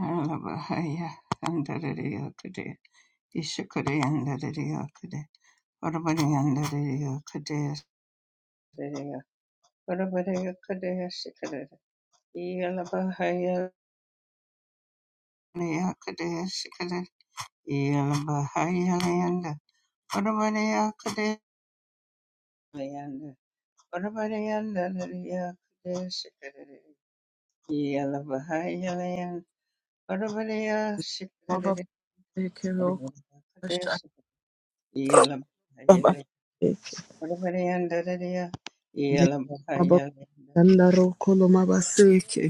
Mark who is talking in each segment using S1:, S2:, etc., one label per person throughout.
S1: Aralabahaya, Andarariyakade, Ishakade, Andarariyakade, Varabari, Andarariyakade, Asaraya, Varabari, Akade, Ashikade, Iyalabahaya, Liyakade, Ashikade, Iyalabahaya, Liyanda, Varabari, Akade, Liyanda, Varabari, Andarariyakade, Ashikade, Iyalabahaya, Liyanda, Varabari, Ashikade,
S2: Mababeke roko
S1: Varabari, Akade,
S2: bashanda
S1: Ashikade, Iyalabahaya, Yeah.
S2: mabashanda roko lo mabaseke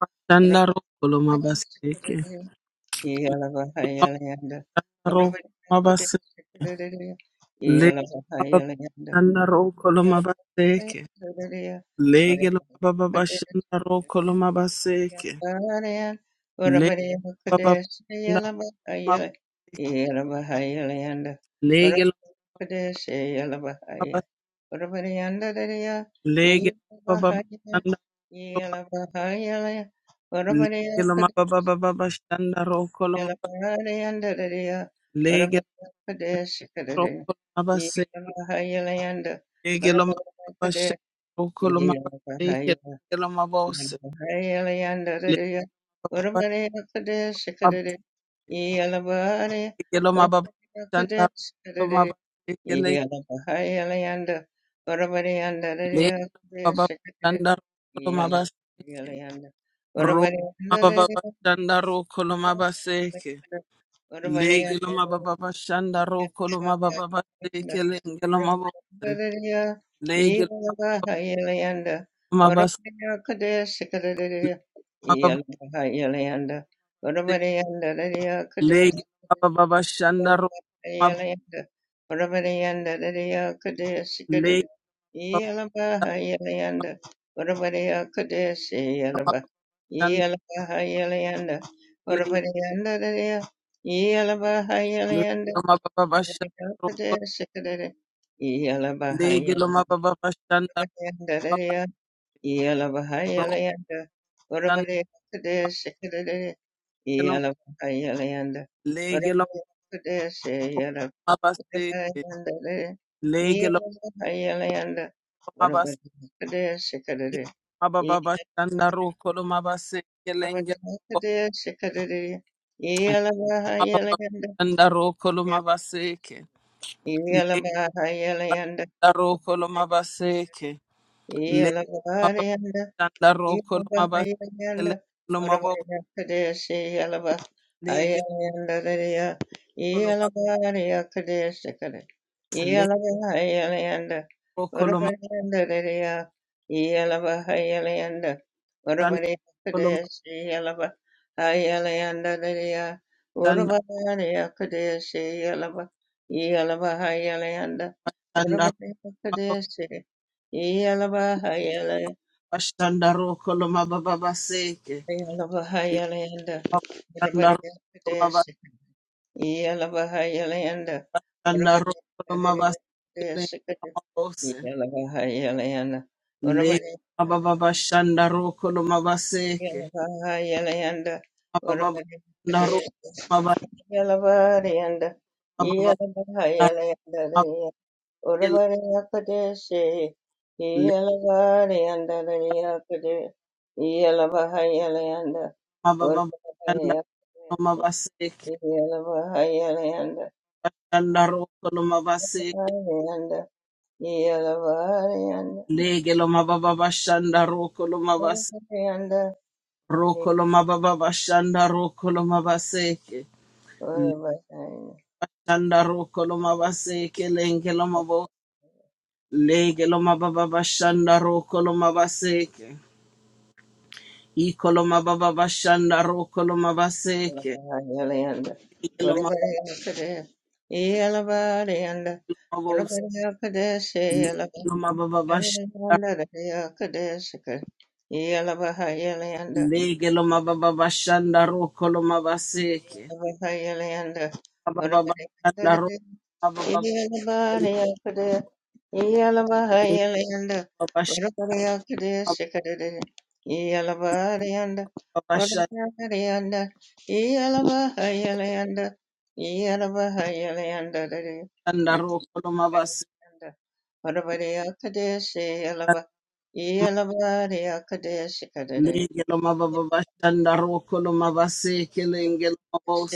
S2: bashanda roko lo mabaseke mababa roko mabase le mabashanda roko lo mabaseke lege lo mababashanda roko lo mabaseke
S1: Yalabaria,
S2: le
S1: Urabari Kadesh,
S2: mababashanda mab-
S1: Yalabahaya, Yalabahayalayanda,
S2: lege
S1: Urabari
S2: lo
S1: Kadesh, Yalabahaya,
S2: mabas
S1: Urabari Andadaria,
S2: lege lo
S1: Yalabahaya,
S2: mababashanda lo mab-
S1: Yalabahayalaya, Urabari
S2: lege lo
S1: Kadesh,
S2: mabababashanda roko lo mab-
S1: Yalabahari Andadaria,
S2: lege
S1: Urabari
S2: lo
S1: Kadesh, Kadadaria,
S2: roko
S1: Yalabahayalayanda,
S2: Legelo
S1: Urabari
S2: mabasha
S1: Kadesh,
S2: okolo mabasha legelo
S1: yeah.
S2: mabose legelo mabasha okolo mabasha legelo mabasha okolo mabasha ro mabasha okolo mabasha legelo mabasha okolo mabasha
S1: Yelanda,
S2: legelo mabose legelo mabasha mabasha legelo mabasha okolo mabasha legelo mabasha Legiloma baba
S1: yeah.
S2: bashandaro, legiloma baba bashandaro, babaro, shandakeloma, legiloma baba seke, legiloma baba basiki, baba baba shandaro, koloma baseke, lenge, baba baba shandaro, koloma baseke, legiloma shandaro, koloma baseke, legiloma baba
S1: Yalakabari
S2: shandaro, koloma
S1: Yalaba,
S2: baseke,
S1: Yalaba,
S2: legiloma baba, legiloma koloma, legiloma koloma, shandaro, koloma
S1: Yalaba,
S2: Bashanda rokolo mababa baseke.
S1: Yalabahayalayanda,
S2: Bashanda
S1: Urabadiya
S2: rokolo
S1: Kadesi, Yalabahayalayanda,
S2: mabashanda
S1: Urabadiya
S2: rokolo mabaseke le
S1: Kadesi, Kadesi,
S2: mabose.
S1: Yalabahayalayanda,
S2: Le
S1: Urabadiya
S2: mababa bashanda rokolo mabaseke.
S1: Yalabahayalayanda,
S2: Mababa
S1: Urabadiya
S2: bashanda rokolo
S1: Kadesi, Yalabariyanda,
S2: mababa
S1: Yalabahayalayanda,
S2: mabakele.
S1: Urabadiya Kadesi,
S2: Le
S1: Yalabariyanda, Yalabahayalayanda,
S2: mababa bashanda
S1: Urabadiya
S2: rokolo mabaseke.
S1: Yelavarayanda,
S2: Shanda rokolo mabaseke.
S1: Varayanda, Yelavarayanda,
S2: Legelo mababa bashanda rokolo mabaseke.
S1: Varayanda,
S2: Rokolo mababa bashanda rokolo mabaseke.
S1: Varayanda,
S2: Shandaro koloma baseke lengeloma bo legeloma baba bashandaro koloma baseke ikoloma baba bashandaro koloma baseke
S1: Yelavarayanda,
S2: legeloma
S1: Varayanda, Yelavarayanda,
S2: baba bo
S1: Varayakadesi,
S2: legeloma baba bashandaro
S1: Yelavarayanda, Yakadesi, Yelavarayanda,
S2: legeloma baba bashandaro koloma baseke
S1: Varayanda,
S2: baba baba bashandaro
S1: Varayanda,
S2: baba
S1: Yalabari
S2: baba legeloma
S1: Akadesi
S2: baba bashandaro koloma baseke legeloma baba bashandaro koloma baseke lengeloma bo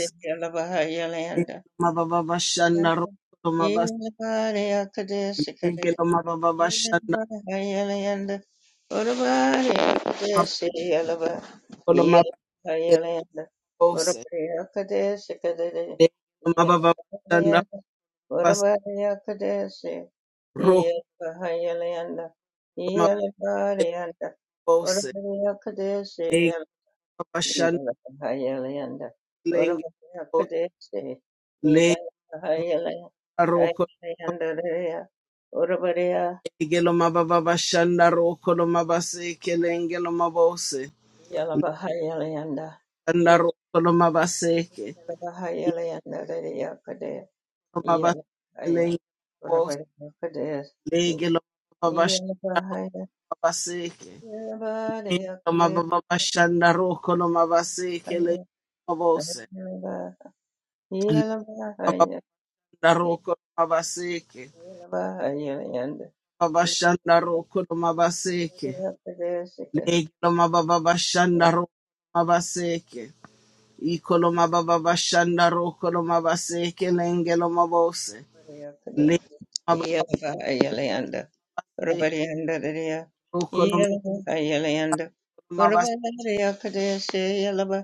S2: Legelo mababaseke.
S1: Yeah. Yala Bahayala yanda. Yalabahayalayanda. Yakalabahayalayanda Yakadea. Yalabahaya. Urabada Yakadea. Yalabahaya. Yalabada Yakadea.
S2: Mabashanda roko no mabaseke le mabose. Mabanda
S1: Yalabahaya.
S2: roko no mabaseke.
S1: Yalabahayalayanda.
S2: Mabashanda roko no mabaseke. Lege no mababashanda roko no mabaseke. Iko no mababashanda roko no mabaseke lenge no mabose.
S1: Yakade,
S2: Lege no
S1: Yelva Ayelanda,
S2: mababaseke
S1: Rabarianda Ria,
S2: roko no
S1: Yelva Ayelanda,
S2: mabaseke.
S1: Rabarianda Yakade, Yelva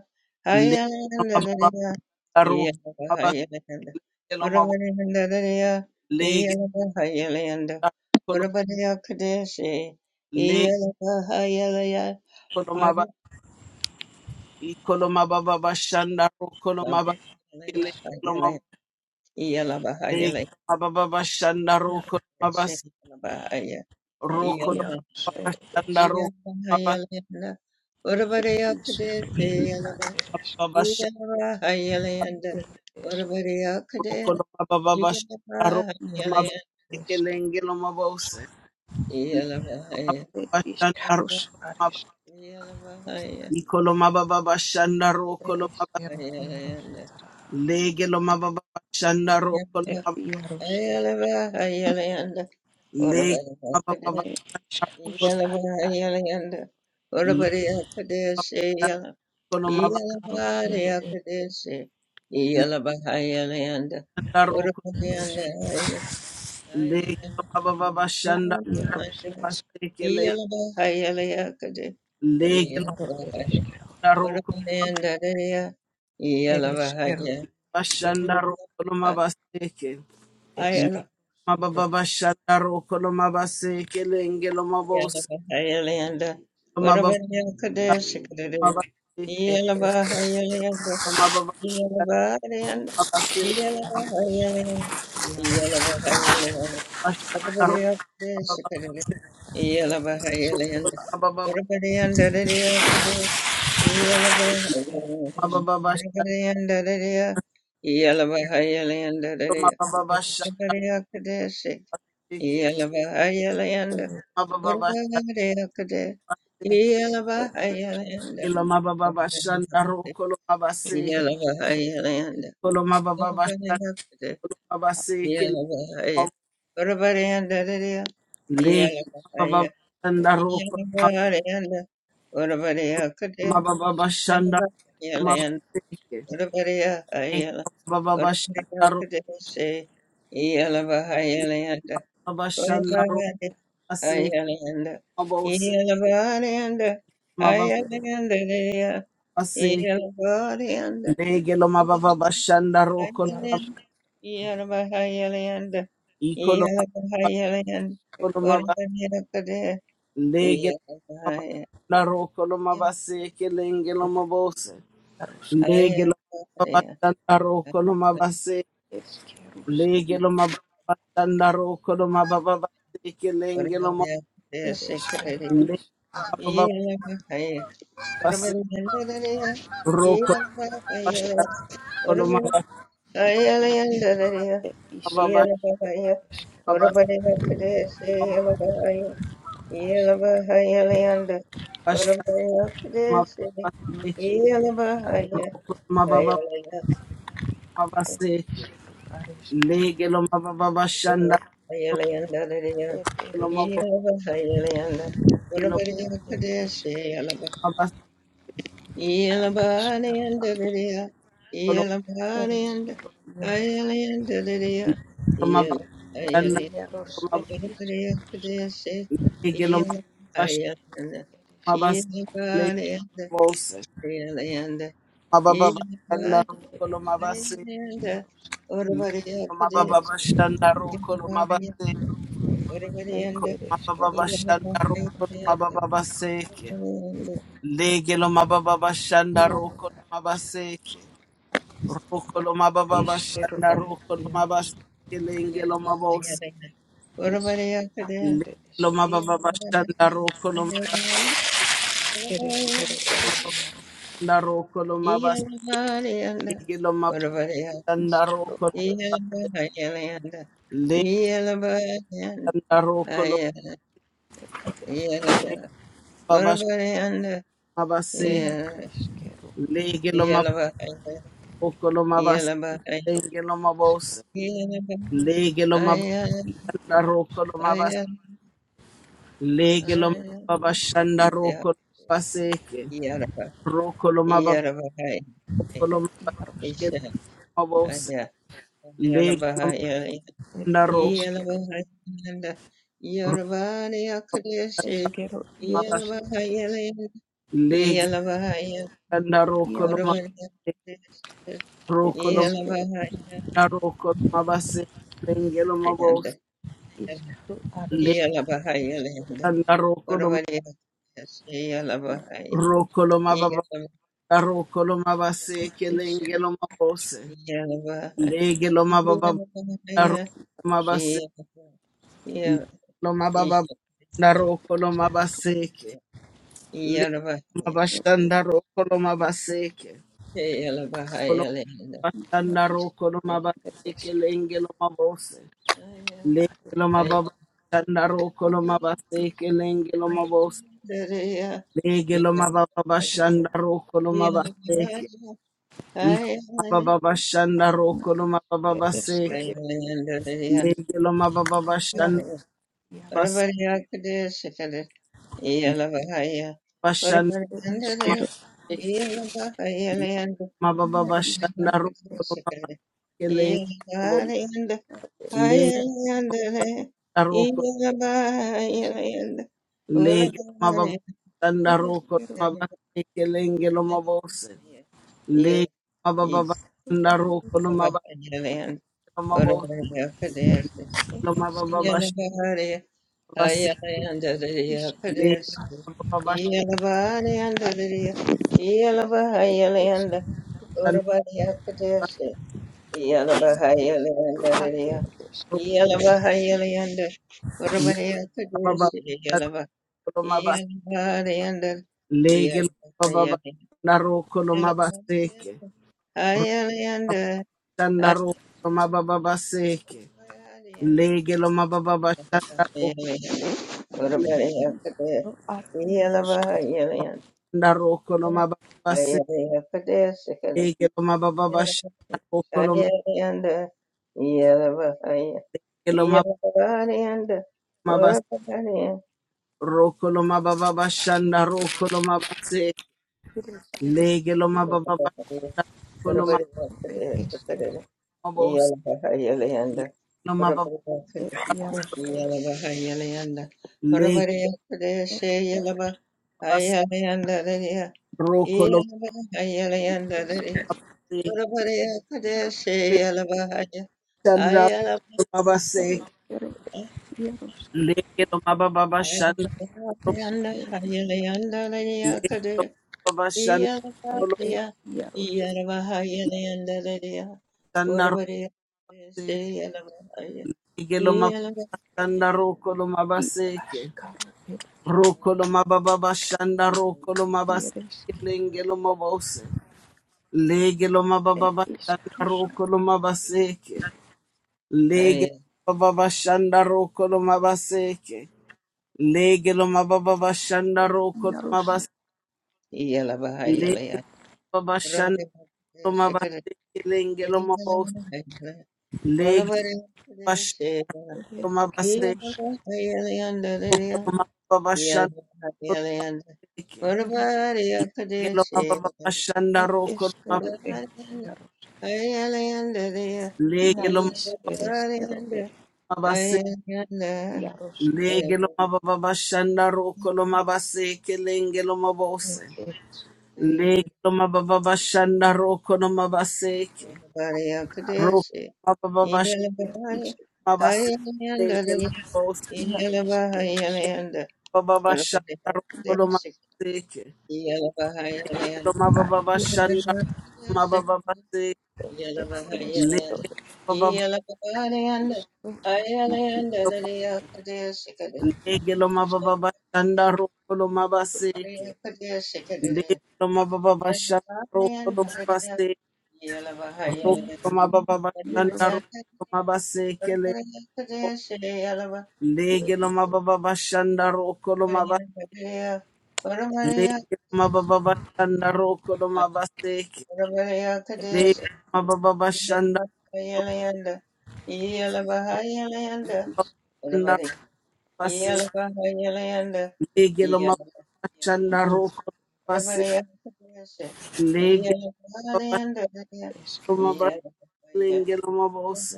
S2: Lege no
S1: Ayelanda Ria,
S2: roko no
S1: Yelva
S2: mabaseke
S1: Ayelanda,
S2: lenge no mabose.
S1: Rabarianda Ria,
S2: Lege
S1: Yelva Ayelanda,
S2: no no-
S1: Rabaria Kadeshi, Yelva Ayelaya, Yelva
S2: Ikoloma baba bashanda rokoloma
S1: Ayelanda,
S3: ir
S2: bakele
S3: es
S2: koloma
S1: Yelva Ayelanda, Yelva
S2: bade baba bashanda
S3: ir
S2: rokoloma bas
S3: ir
S2: rokoloma
S3: ieros
S1: Ayelanda,
S2: baba
S3: ir
S2: bashanda
S3: es
S2: rokoloma bas
S1: Iyalahayalanda,
S3: ir is rus
S1: Urvarayakadesi
S3: ir
S1: yalanda,
S3: es
S2: baba bashanda
S1: Iyalavahayalayanda,
S3: ir
S1: Urvarayakade,
S2: rokoloma baba bashanda rokoloma
S1: Iyalavahayalayanda,
S2: bakele koloma bose baba
S1: Iyalavahaya,
S3: es ieros ir es ir is
S2: bashanda
S3: rus ir
S2: rokoloma
S1: Iyalavahaya,
S2: ikoloma baba bashanda
S3: es ir es
S2: rokoloma
S3: iero ieros
S1: Ayalayanda,
S2: lege loma baba bashanda
S3: ir
S2: rokoloma
S1: Iyalava-
S3: ieros ir
S1: Ayalavahayalayanda,
S2: lege baba
S1: Urvarayakade,
S2: baba
S3: es is rus ir ir
S1: Iyalavahayalayanda, Urvarayakadesi
S2: rokoloma
S3: karo iero ir es
S1: Iyalabariyakadesi, Iyalabahayalayanda,
S3: ieros
S1: Purupalayanda,
S2: Lege no baba baba shanda Legelo
S1: Ayalabahayalayanda,
S2: mababa
S3: es
S2: bashanda basekele.
S1: Iyalabahayalayakade,
S3: ir
S2: Legelo
S3: iero ir es
S1: Iyalabahaya,
S2: daroko
S1: Purupalayanda,
S3: ir es iero
S1: Iyalabahaya,
S2: bashanda rokolo mabaseke.
S3: es
S2: Loma
S3: ir es is ir
S1: Iyalabahayalayanda,
S2: baba baba shanda bashanda rokolo mabaseke. Lengelo mabose mababa
S1: Purupalayakadesi,
S2: mabaseke.
S3: es
S1: Iyalabahayalayanda,
S2: Mababa
S1: Yalabahayan,
S2: mabaseke
S3: ir is
S1: Yalabahayan, Yalabahayan,
S2: bashanda rokolo mababa
S1: Urabadiyakadeshakadele,
S3: Isqueiros,
S1: Yalabahayan, Urabadiyandadadiyakade, Yalabahayan,
S2: mababa bashanda
S1: Urabadiyandadadiya, Yalabahayan, dadadiya,
S2: mababa
S1: Urabadiyakadeshe,
S2: bashanda
S1: Yalabahayan,
S2: mababa bashanda
S1: Urabadiyakade, Yalabahayan,
S2: kilo shanda bashanda
S1: Urabadiyakade,
S2: rokolo mabaseke. Kolo mababa
S1: Yalabahayan,
S2: bashanda
S1: Yalabahaya, Urabariandariya,
S2: Lake
S1: Yalabahaya,
S2: Babashandaruka
S1: Yalabariyanda, Urabariyakadea,
S2: Mababashandarumabaseke.
S1: Yalabariyalanda,
S2: Lake
S1: Urabariyahayala,
S2: Babashandaruka
S1: Urabariyakadeshe, Yalabahayalayanda,
S2: Babashandaruka Seke
S1: Urabariyahayalanda,
S2: Mabose
S1: Yalabariyanda, Hayalayandariya,
S2: Mababase.
S1: Yalabariyanda,
S2: Lake Lomababashandaruka
S1: Yeah.
S2: Ikolomaba Lake Laruka Lomabaseke Lenge Lomabose. Lake Lomabashandaruka Legelo mababa sanda roko lo mababa baseke lengelo mababa mababa base roko lo bashanda lo mababa mababa mababa
S1: Yelabahayalanda,
S2: bashanda
S1: Varabayakadesi,
S2: mababa baseke
S1: Yelabahaya,
S2: roko
S3: arisqueiros,
S2: lo mababa
S1: Hayalaya,
S2: mababa baseke
S3: arisqueiros, arisqueiros.
S2: legelo mababa bashanda
S1: Yelabahayalanda,
S3: ir ir
S2: lo mababa
S3: iškilo
S1: Yelabahayalanda,
S2: legelo
S3: ir
S1: Varabayakadesi,
S3: iškilo
S1: Yelaba,
S2: mababa
S3: ar iškilo
S1: Yelabahanayanda,
S2: seko lo
S3: ir
S1: Yelabahanayanda,
S3: iškilo jeros
S1: Hayalanda,
S2: legelo mababa sanda
S3: ir
S1: Yelabahayalaya,
S2: lo
S3: jeros ir
S2: mababa
S3: iškilo
S1: Varabayakadesi,
S2: legelo mababa bashanda
S1: Yelabahayalanda,
S2: mababa baseke legelo
S1: Yelabahanayanda, Hayalanda,
S3: ir
S2: mababa
S3: iškilo
S2: bashanda
S3: ir iškilo
S1: Variyanda,
S3: jeros
S1: Orvariya Pradesh,
S2: Mababa Shanda Rokolo Mabase
S1: Yavariyanda,
S3: ir
S2: Iko
S1: Orvariyanda,
S3: ir iškilo
S2: Mababa Shanda
S3: jeros
S2: Rokolo
S1: Yalavariyanda,
S2: Mababa Seke
S1: Orvariyanda,
S2: Legelo Mababa Shanda Rokolo Mabaseke Rokolo Mababa
S3: iškilo
S2: Shanda Rokolo
S3: jeros
S2: Mabaseke Lengelo Mabose
S1: Yalavariyanda, Orvariya
S3: iškilo ar
S1: Pradesh,
S3: ir
S2: Legelo
S3: iškilo
S2: Mababa
S1: Yalavariyanda,
S2: Shanda Rokolo
S3: ir iškilo jeros
S2: Mababa Rokolo Mabaseke
S1: Yalavariyanda,
S2: Lo
S1: Orvariya,
S2: mababa
S3: iškilo
S2: Rokolo
S3: ar ir
S1: Yalavariyanda,
S2: Legelo
S1: Yalavariyanda,
S2: Rokolo
S1: Aya,
S3: iškilo
S1: Yalavar,
S2: Mababa
S1: Orvariyanda,
S2: Mabase
S3: ne iškilo
S2: Legelo Okolomabas
S3: jeros
S2: Lengelomabos
S1: Yeah.
S2: Legelomabanda
S3: Eskero, et
S2: Rokolomabas Legelomabashanda Rokolomabaseke Rokolomababas
S3: iaros,
S2: Legelomabos Legelomanda
S3: et ereskero,
S2: Rokolomabas
S3: eskero, iaros,
S2: Legelanda
S3: et
S2: Rokolomabas
S3: iaros, et
S2: Rokolomanda
S3: eskero,
S2: Rokolomabas Lengelomabos
S3: iskru, ares, eskero,
S2: Legelanda Rokolom Rokolomababanda
S3: et
S2: Rokolomabaseke
S3: is,
S2: Lengelomabos
S1: Yeah,
S3: et
S2: Daro
S3: usk,
S2: mabase,
S1: yeah, yeah,
S2: lo mababa,
S1: Ishanda,
S3: et
S2: daro kolo
S3: isk,
S1: yeah,
S2: mabaseke,
S1: yeah,
S2: le
S1: Yaraba, yeah,
S3: et er,
S2: mabashanda ro kolo mabaseke,
S1: Yalaba,
S2: kolo
S1: Yalanda,
S3: na
S2: mabashanda
S3: is,
S2: kolo
S3: et
S2: mabaseke,
S3: eskero,
S2: lenge lo mabose, lenge lo
S3: areskero,
S2: mababa, shanda kolo mabaseke, lenge lo
S3: er eskero,
S2: mabose, lenge lo mababa, shanda
S3: er,
S2: kolo mabaseke, iko
S1: yeah,
S2: mababa, shanda ro kolo mababa
S3: et eskero,
S2: seke, lenge lo mababa, shanda
S3: iaros,
S2: bas,
S3: iaros,
S2: bashanda
S3: et er
S2: lo
S3: iskero,
S2: mabaseke.
S3: na
S2: Mababa Shanda
S3: iskero,
S2: Roko Makiling Lega Roko
S3: Ereskero
S2: Lega Mababa Shanda Roko Mabakiling Lomabos Lega
S1: Yeah.
S2: Mababa
S3: iskaru
S2: Shanda
S3: aru
S2: Roko lo mababa lo Mabakamos
S3: ereskero
S2: Lomababa Shabas
S3: isk
S2: Lega Mababa
S3: ereskero
S2: Shanda
S3: aru iskaru
S1: Yalabahayalayandadariya.
S2: Roko
S1: Yalabahayalayanda.
S2: Lega Mababa
S1: Varavareyakadesiri yalava.
S2: Lomabas
S1: Yalabaharayanda.
S2: Lega Mababa
S1: Yalabahayalayanda.
S2: Shanda Roko lo mabase ke
S1: Yalabaharayanda. Hayalayanda.
S2: Shanda Roko lo Mababa Seke
S1: Hayalayanda.
S2: Lege Lomababa Shanda roko
S1: Yalabahayalayanda. Varavareyakade.
S3: aru ereskero aru yarusk
S1: Yalabahayalayanda.
S2: Ndaroko no mababa
S1: Hayalayakadesiri.
S2: sendeke no mababa bashanda roko no
S3: ereskero
S1: Ayariyanda, Yalavahaya,
S2: make no
S1: Yalavariyanda,
S2: mababa bas
S1: Urapahariya,
S2: roko no mababa bashanda roko no mabase
S3: ereskero
S2: lege no mababa
S1: Yalavahaya,
S2: bashanda roko no mababa
S3: iskaru ereskero
S1: Urapahariya,
S2: bos
S1: Yalavahaya, Layanda,
S2: lege no mababa
S3: er
S1: Urapahariya,
S3: yarusk
S1: Yalavahaya, Layanda,
S2: lege
S1: Urapahariya,
S3: er ereskero
S2: bas
S1: Yalavahaya, Layanda, Layanda,
S2: roko no
S1: Yalavahaya, Layanda, Layanda,
S2: mabase
S1: Urapahariya,
S3: yarusk
S1: Yalavahaya,
S2: shanda
S1: Ayalavahaya,
S2: no mabase
S3: ereskero yarusk
S2: lege no mababa bashanda
S1: Ayalavahaya,
S3: iskerus
S1: Layanda, Ayalayanda,
S2: lege no
S1: Layanda,
S2: mababa bashanda
S3: er
S2: no mababa
S1: Iyalabariya,
S3: er
S1: Iyalabahaya Nandalaya,
S2: shanda roko no
S1: Urvariya,
S2: mabase
S1: Siyalabahaya,
S2: lege no mababa bashanda
S1: Iyalabahaya
S2: roko no mabase
S3: er
S2: Rokolo mababa shanda rokolo mabase lengelo mabose legelo
S3: er
S2: mababa shanda rokolo mabaseke legelo
S1: Nandalaya,
S2: mababa shanda rokolo mabaseke legelo mababa shanda rokolo
S3: Yaruska,
S2: mabase
S1: Iyalabahaya Laya,
S2: legelo mababa shanda
S1: Urvariya,
S2: rokolo
S1: Sikara,
S2: mabaseke lengelo mabose
S1: Iyalabahaya,
S2: legelo
S1: Urvariya,
S2: bashanda
S1: Siyalabahaya,
S2: mabase
S3: ereskeruska,
S1: Iyalabahaya Nandalaya,
S2: rokolo mababa shanda rokolo
S1: Iyalabahaya Nandalaya,
S2: mabaseke
S3: yaruska,
S1: Urvariya,
S2: legelo mababa
S1: Kadesiyalabahaya,
S3: Yaruska,
S2: shanda rokolo mabase
S3: ereskero, e, yaruska,
S1: Ayalayandalaya,
S3: na
S2: legelo
S3: is, ereskero, e,
S1: Iyalaparayanda, Ayayanda,
S3: yaruska,
S2: Lege lo
S1: Ayalaparayanda,
S2: mababa shanda roko lo mabase kelenge lo
S3: e,
S2: mabose.
S3: eres,
S2: Lege lo mababa shanda roko lo mabase ke. Roko
S1: Ayalaparayakadesi,
S2: mababa shanda
S3: er
S1: Iyalaparaya,
S3: is,
S2: mabase kelenge lo
S1: Ayalayandalaya,
S2: mabose.
S3: na is, ereske,
S1: Iyalapahayalayanda,
S2: Mababa shanda roko lo
S1: Ayalaparayakadesi,
S2: mabase ke. Lo
S1: Iyalapahayalayanda,
S3: a,
S2: mababa shanda
S3: yaruska,
S1: Ayalaparayakadesi,
S2: mababa se.
S3: e, er, ereskero,
S1: Iyalapahayalayanda,
S2: Lege
S3: e,
S2: mababa
S1: Iyalaparayanda,
S3: is, o, a, na i,
S1: Ayalayandalaya,
S3: ereske,
S1: Kadesi, Kadesi,
S3: na
S2: lege lo
S3: eres,
S2: mababa shanda roko lo mabase ke.
S1: Iyalaparayakadesi,
S2: Lege lo mababa
S1: Yeah.
S2: shanda roko lo
S3: na,
S2: mabase
S3: ni, e,
S2: Roma baba bashanda
S3: yaruska,
S2: roma basekele lege loma baba bashanda roko loma ba lege loma baba bashanda roko loma baseke lege
S3: eske,
S2: loma baba bashanda roko
S3: na is,
S2: bashanda base lege loma bashanda
S3: ni, eske,
S2: roko base lege baba
S3: eske,
S2: loma baslenge loma bose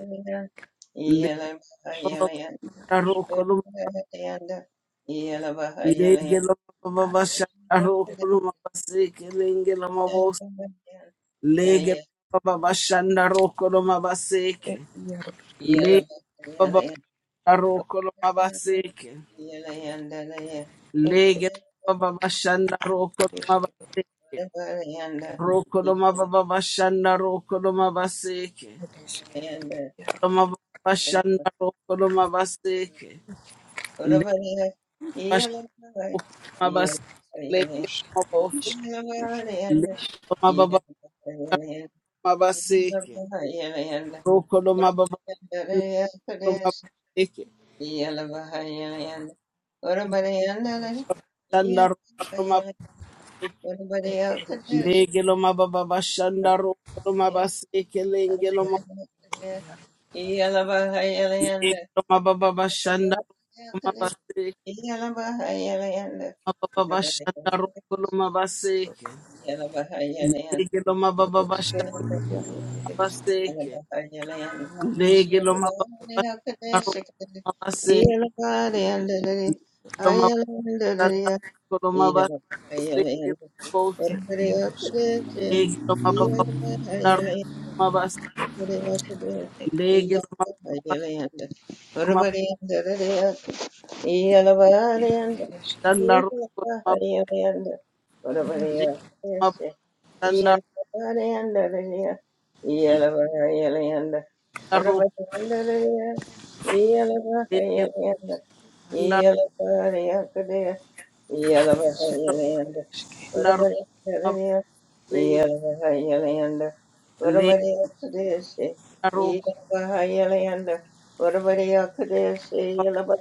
S2: lege
S1: Yeah.
S2: baba
S3: yaruska,
S2: bashanda roko loma lege loma baba
S3: a,
S2: bashanda
S3: er,
S2: roko loma baseke lenge loma Lege baba bashanda roko no
S3: e,
S2: mabaseke.
S3: yaruska,
S2: Lege baba bashanda roko no mabaseke.
S3: e, e,
S2: Lege baba bashanda
S3: a,
S2: roko no
S3: ereske,
S2: mabaseke. Roko no mababa bashanda roko no mabaseke.
S3: It is it is it is
S2: Roko no bashanda roko no mabaseke. Lege bashanda mabaseke.
S3: it
S2: Lege
S3: is
S2: no
S3: it
S2: mabose.
S3: is
S2: Lege no mababa mabaseke. Roko no
S1: Yeah.
S2: mababa bashanda roko no mabaseke. Bashanda roko no mabaseke.
S3: it is it
S2: Legelo mababa bashanda rolo mabaseke lengelo ma- Legelo mababa bashanda rolo mabaseke mababa bashanda rolo mabaseke. Legelo
S3: is it
S2: mababa bashanda
S3: is
S2: mabaseke. Legelo mababa bashanda rolo mabaseke. Legelo mababa bashanda rolo mabaseke
S1: Yeah.
S2: lengelo mabose. Legelo mababa bashanda rolo mabaseke. Legelo mababa
S3: it
S2: bashanda rolo mabaseke. Nanda Laro Leke Nanda Naro
S1: Urabari Kaderia,
S2: Abling
S1: Yelavahayalayanda, Urabari Kadeshi,
S2: Laro
S1: Yelavahayalayanda, Urabari Kadeshi, Yelava,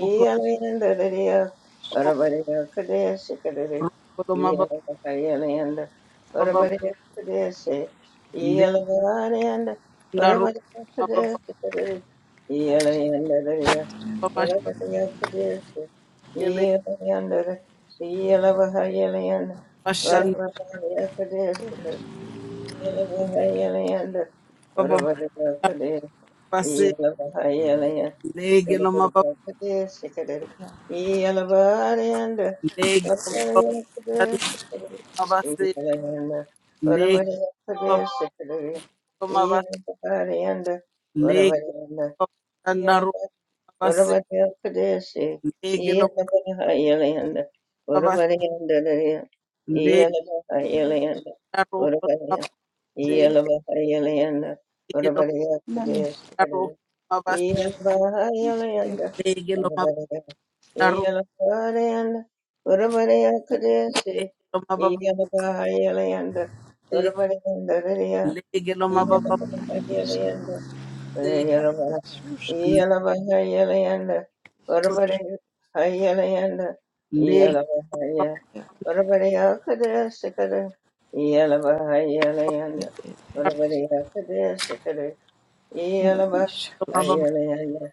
S2: Kokomo
S1: Urabari Kadeshi, Kadere,
S2: Kokomo
S1: Yelavahayalayanda,
S2: Baba
S1: Urabari Kadeshi, Yelavahayanda,
S2: Lindaro
S1: Urabari
S2: Baba
S1: Kadeshi, Kadere, Yelayanda, Urabari
S2: Shele
S1: Kadeshi, Yelavahayelianda,
S2: Bashan
S3: yaros it
S1: Varavahayakadeshika,
S3: is
S1: Yelavahayelianda,
S2: Baba
S3: it
S1: Varavahayakade-
S3: is
S2: Basi
S1: Yelavahayelianda,
S2: Lege Loma Baba
S1: Varavahayakadeshika,
S3: yaros
S1: Yelavahayelianda,
S2: Lege
S3: yes yes
S2: Loma Baba Nanda
S1: Varavahayakadeshika,
S3: to pariske it yaros it is it yaros it is
S2: Basi
S1: Yelavahayelianda,
S2: Lege Baba
S1: Varavahayakadeshika,
S2: Loma Baba
S1: Yelavahayelianda,
S2: Lege
S1: Varavahayelianda,
S2: Baba Nandaro Basi
S1: Orabariya Kadesi,
S2: Lege Loma
S1: Yelabaha Yelayanda,
S2: Baba
S1: Orabarianda,
S2: Lege
S1: Yelabaha
S3: Nyarushayire
S1: Yelayanda,
S2: Naro Basi
S1: Orabariya, Yelabaha Yelayanda,
S2: Lege Loma
S1: Orabariya Kadesi,
S3: nanesha
S2: Naro Basi
S1: Yelabaha Yelayanda,
S2: Loma
S1: Orabariya, Yelabaha Yelayanda, Orabariya Kadesi,
S2: Lege
S1: Yelabaha Yelayanda, Orabariya, Yelabaha
S3: yarangisha
S1: Yelayanda,
S3: ishusho
S1: Iyalavahayalayanda,
S3: ishusho
S1: Varavaraya Hayalayanda, Iyalavahaya,
S3: yarangisha
S1: Varavaraya Kadaya Sikada, Iyalavahayalayanda, Varavaraya Kadaya Sikada,
S3: ishusho
S1: Iyalavahayalayanda,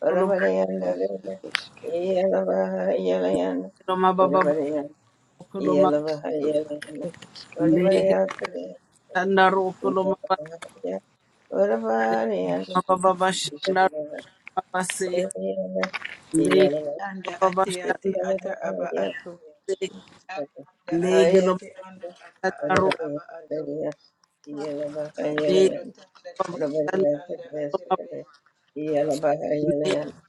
S1: Varavaryanda Leda,
S3: ishusho
S1: Iyalavahayalayanda, Varavaraya, Iyalavahayalayanda,
S3: yarangisha
S1: Varavaraya Kadaya Sikada, Iyalavahaya, Varavaryanda, Iyalavahayalayanda,
S4: Anda ate ate ata aba ato. Anda ate ete anda ata ata aba ato. Kashende Bakondo tanda tayende anda aterebe ete.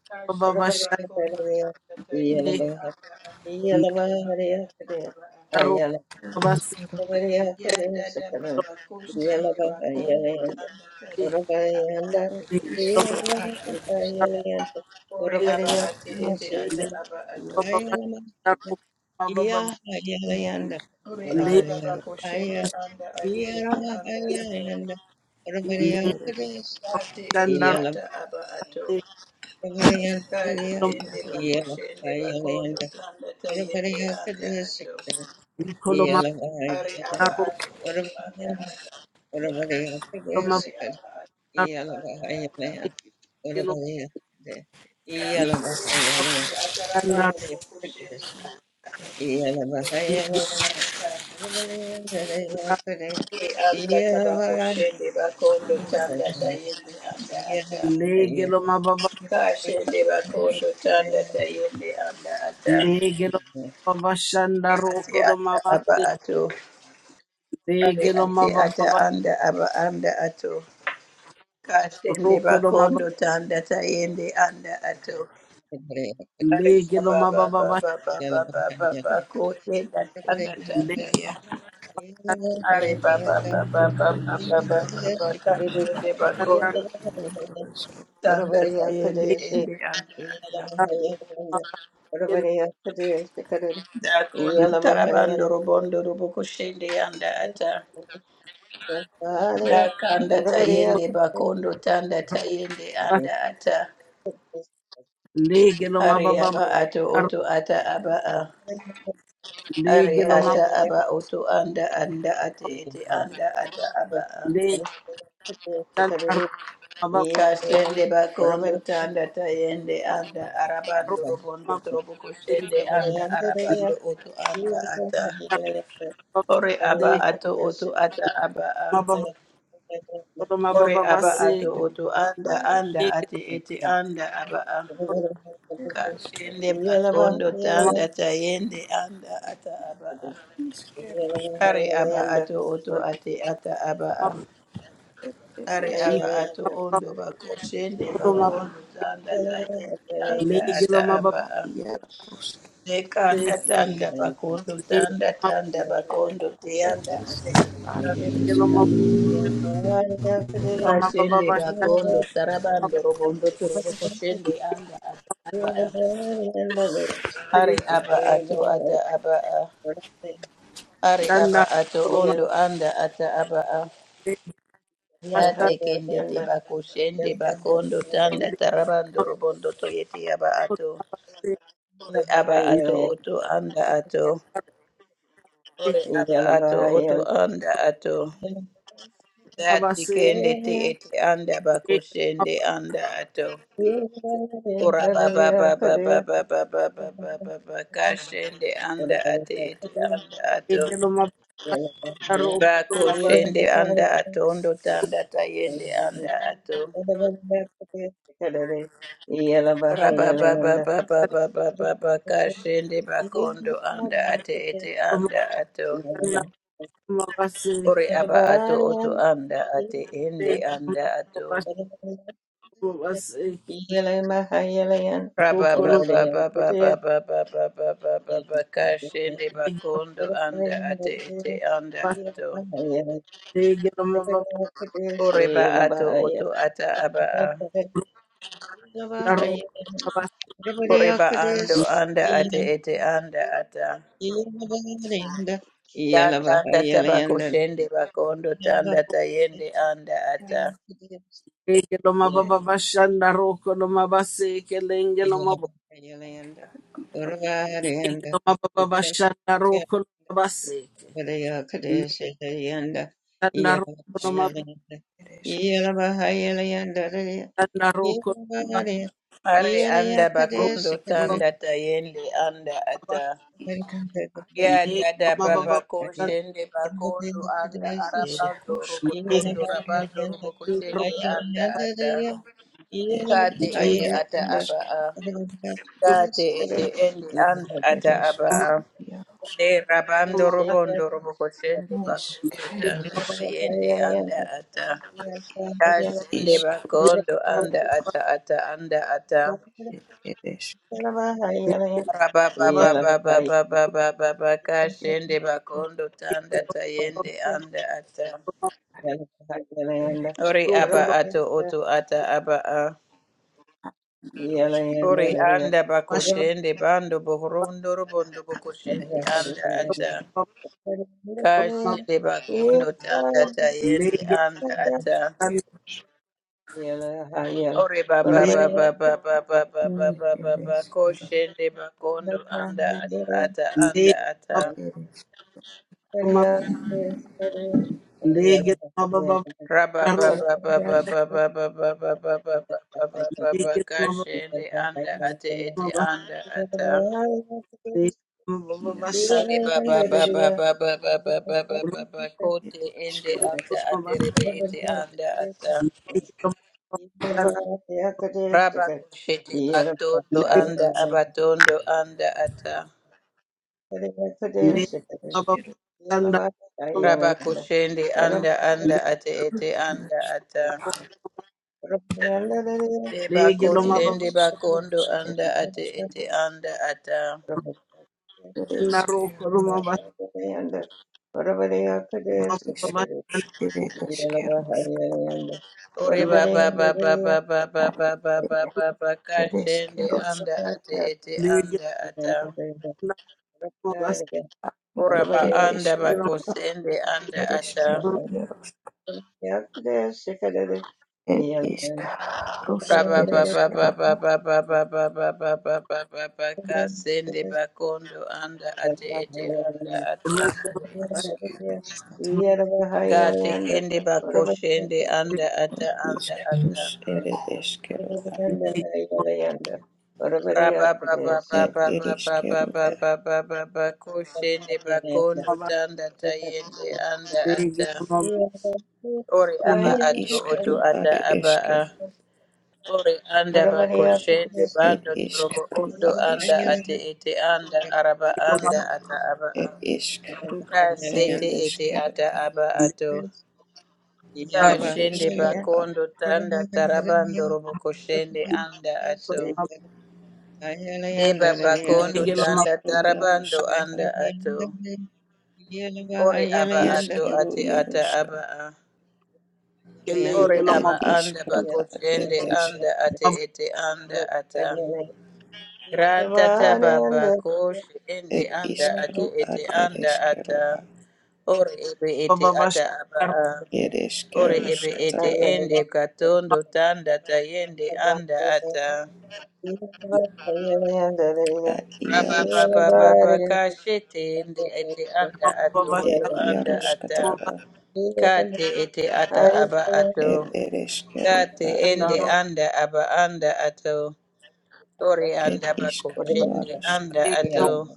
S4: Kashende bakondo tanda tayende
S1: Yeah.
S4: anda aterebe ete anda ata aba ato. Ya dada baba koshende bakondo tanda tayende anda ate ete ata aba ato. Ore aba ate ete ata aba ato.
S1: Iya haya yanda
S4: Ore anda
S1: orabariya haya
S4: bakoshende anda ate
S1: iya
S4: ete
S1: raha
S4: anda
S1: haya
S4: ato.
S1: yanda orabariya kadesh
S4: Ati iti
S1: iya
S2: Shandarode,
S1: lam
S4: ata aba ato.
S1: orabariya
S4: Kati
S1: kadeya
S2: Loma,
S4: ende
S1: iya lam
S4: bakoshende
S1: haya
S4: bakondo
S1: yanda
S4: tanda tayende
S1: orabariya
S4: anda
S1: kadesh
S4: ato.
S1: kadeya iya
S2: Nicoloma,
S1: lam haya
S4: Ari aba
S1: yanda
S2: Daro,
S4: ato oto anda
S1: orabariya
S4: ata.
S1: orabariya
S2: Loma,
S1: kadesh
S4: Ari
S1: kadeya
S4: aba ato
S2: Daro,
S1: iya lam
S4: anda
S1: haya
S4: ata.
S1: yanda
S2: Legelo,
S1: orabariya kadeya iya
S4: Kati
S1: lam haya
S4: ende
S1: yanda
S4: iti ata
S2: Shandarode,
S4: rabando
S1: orabariya
S4: bakoshende
S1: kadesh
S4: anda oto
S2: Gela,
S4: anda ata.
S1: Yeah.
S4: Ki anda tabakoshende bakondo tanda tayende anda ata.
S2: Legeloma, Baba,
S4: Kashende bakondo tanda tayende anda ata.
S2: Legeloma, Baba, Shandaro,
S4: Ati ata
S2: Coloma,
S4: aba
S2: Baste,
S4: ato. Ari ate
S2: Legeloma,
S4: ata
S2: Baba,
S4: anda aba anda ato. Kasende
S2: Rocoloma,
S4: bakondo tanda tayende anda ato. Ari
S2: Legeloma,
S4: baba baba
S2: Baba,
S4: baba baba baba koshenda tanda tanda
S2: Legeloma,
S4: ya. Ari baba
S3: Ed
S4: baba baba
S3: eskero,
S4: baba baba kasende bakondo
S3: ed eskero,
S4: tanda tayende ende anda ata. Da kondo tarabando robondo roboko shende anda ata.
S1: Yeah.
S4: Da kanda
S2: Ikoloma,
S4: tayende bakondo tanda tayende anda ata.
S2: Legeloma,
S4: Ari
S2: Baba,
S4: aba ato oto ata aba a. Ari
S2: Legeloma,
S4: ata aba oto anda anda ate ete anda ata aba a.
S2: Legeloma, Baba,
S4: Kashende bakondo tanda tayende anda arabando robondo trobo koshende anda arabando oto anda ata. Ore aba
S2: Legeloma,
S4: ato oto ata aba a.
S2: Baba, Koroma
S4: Ore
S2: baba
S4: aba
S2: basi
S4: ato oto anda
S3: iaros,
S4: anda
S2: legelo
S4: ate ete anda aba a.
S3: ed eskero,
S4: Kashende bakondo tanda tayende anda ata aba a.
S3: iskero,
S4: Ari aba ato oto ate ata aba a.
S3: ed ed
S4: Ari aba
S3: eskero,
S4: ato ondo bako shende bako ondo tanda tayende
S3: ed
S4: anda ata
S3: iskero,
S4: aba
S3: ad
S4: a.
S3: iaros,
S4: Dekanda tanda bakondo tanda tanda bakondo
S3: ed
S4: teanda ate
S3: iskero, ad
S4: anda.
S3: ed eskero,
S2: koroma
S4: Kashende
S2: baba
S4: bakondo tarabando robondo turobo koshende anda ata aba a. Ari aba ato ata aba a. Ari
S3: ed
S4: aba ato ondo anda ata aba a. Yatekende te bakoshende bakondo tanda tarabando robondo toyete yaba ato. Ore aba ato oto anda ato. Ore
S2: Thank
S4: aba ato oto anda ato. Yatekende te ete anda bakoshende anda ato. Ora baba baba baba baba baba baba kashende anda ate ete
S1: Yeah.
S4: anda ato. Bakoshende anda atondo tanda tayende anda ato. Rababababababababa kashende bakondo anda ate ete anda ato ore aba ato oto anda ate ende
S1: Yeah.
S4: anda ato Rababababababababababababa kashende
S2: you.
S4: bakondo anda ate ete anda ato
S2: Legelo
S4: ore ba ato oto ata aba a
S1: Yeah.
S4: ore ba ando anda ate ete anda ata Takanda tabako shende bakondo tanda tayende anda ata
S3: iaros, ed ad iaros, ed ed iskero, ed eskero, iaros, eskero,
S4: Ari anda bakondo tanda tayende anda ata.
S3: iskero, ad
S4: Ya dada
S1: Yellow
S4: baba
S1: area
S4: koshende
S1: under
S4: bakondo
S1: the
S4: anda
S1: today's day.
S4: arabando
S3: iskaroska, ad
S1: Yellow
S4: robotondo
S1: area under
S3: eskero,
S4: rabando robokoshende anda
S1: the
S4: ata.
S1: year.
S3: ed
S1: Yellow
S4: Kate
S3: iskero,
S1: area
S4: ete ata
S3: ad
S1: under the
S4: aba
S3: eskero,
S4: a. Kate
S1: today's
S4: ete
S1: day.
S4: endi anda
S3: ed
S4: ata aba a.
S3: eskero, iaros,
S4: De rabando robondo robokoshende bakondo
S3: neskero,
S4: tanda tayende anda ata.
S3: ed
S4: Kasende
S3: iskaroska.
S4: bakondo anda ata ata anda ata.
S3: Eres
S1: Yellow
S4: Rababababababababakashende bakondo tanda tayende anda ata.
S3: ari eres
S4: Ori aba ato oto ata aba a. Ori anda bakoshende bando bohorondo robondo
S3: ne
S4: bokoshende
S3: eres
S4: anda ata.
S3: ereskeru,
S4: Kashende bakondo tanda tayende anda ata.
S3: eres
S1: Yeah.
S4: Ori
S2: Lege
S3: ne
S4: bababababababababababa
S3: ereskero,
S4: koshende bakondo anda ata ata anda ata.
S3: ereskiaros, ereske, ereskaros,
S2: mababa lege mababa roka lege
S4: Kashende anda ate ete
S2: mababa
S4: anda ata.
S2: lege mababa shal
S4: Ari baba baba baba baba baba
S2: roka
S4: baba kote ende anda
S2: mababa
S4: aterebe ete anda ata.
S2: lege mababa shal
S4: Raba kushete batondo
S2: lege
S3: er
S4: anda abatondo anda ata.
S2: lege mababa
S3: ereskero,
S2: shanda
S4: Raba kushende anda anda
S2: lege
S4: ate ete anda
S3: eras,
S4: ata. Deba
S2: lege
S3: ereskaros, eres, ereskero,
S2: mababa
S4: koshende bakondo anda ate ete
S1: Yellow,
S4: anda ata.
S2: na roka mababa mababa shal
S4: Ore
S2: lege
S4: baba baba baba baba baba baba kashende
S3: eriskeros,
S4: anda ate ete
S2: lege
S4: anda ata.
S2: mababa shal
S1: Whatever
S4: Ora ba
S3: ereskeros,
S4: anda
S3: ereskeros,
S4: ba
S2: roka
S4: kosende anda ata.
S3: ereskeros,
S2: mababa
S3: ereskeros, It is Karusk,
S4: Raba
S3: its
S4: baba baba
S3: Keroa.
S4: baba baba baba baba baba kasende bakondo anda ate ete anda ata. Gate kende bakoshende anda ata
S3: its
S4: anda ata.
S3: is Keroa.
S2: lege
S3: it is Karus, it is Keroa.
S4: Rabababababababababababa koshende bakondo
S2: mababa
S4: tanda tayende anda
S2: lege
S4: ata ore aba
S3: it it is Kerala, it is
S4: ato oto
S3: Karu
S4: ata aba a
S3: Areske,
S4: ore anda bakoshende
S3: it
S4: bando
S3: is
S4: torobo
S3: Karu
S4: ondo anda
S3: Areske,
S4: ate ete anda araba anda
S2: mababa
S4: ata aba a
S3: it is Karu, it
S4: kasete
S3: is
S4: ete ata
S3: Keroa.
S4: aba ato
S2: Legelomabas,
S3: it is
S4: kashende
S3: Keroa.
S4: bakondo tanda tarabando robo koshende anda ato Deba
S3: it
S4: bakondo
S3: is
S4: tanda
S3: Keru
S4: tarabando
S3: Yaroska,
S4: anda ato. Ore aba
S3: is
S4: ato
S3: Keru
S4: ate ata aba
S3: Yaroska,
S4: a. Ore
S3: it
S4: aba
S3: is
S4: anda
S3: Karu, it
S4: bakoshende
S3: is,
S4: anda ate ete anda ata. Ratata baba koshe ende
S3: it
S4: anda
S3: is
S4: ate
S3: Karu,
S4: ete
S3: it
S4: anda
S3: is
S4: ata.
S3: Keroa.
S4: Ore ebe ete ata aba a.
S3: ir
S4: Ore ebe ete
S3: iškeruškatara,
S4: ende katondo tanda tayende anda
S1: Yeah.
S4: ata.
S1: Yeah.
S4: Raba Baba,
S3: iaruškatara,
S4: baba, shete ndi ete anda ato
S3: ir
S4: oto anda ata
S3: iaruškatara,
S4: kate ete ata aba ato
S3: ir ir
S4: kate
S3: iškeruda,
S4: ende anda aba anda ato ore
S3: ir
S4: anda bako shende
S3: iškeruaruška,
S4: anda ato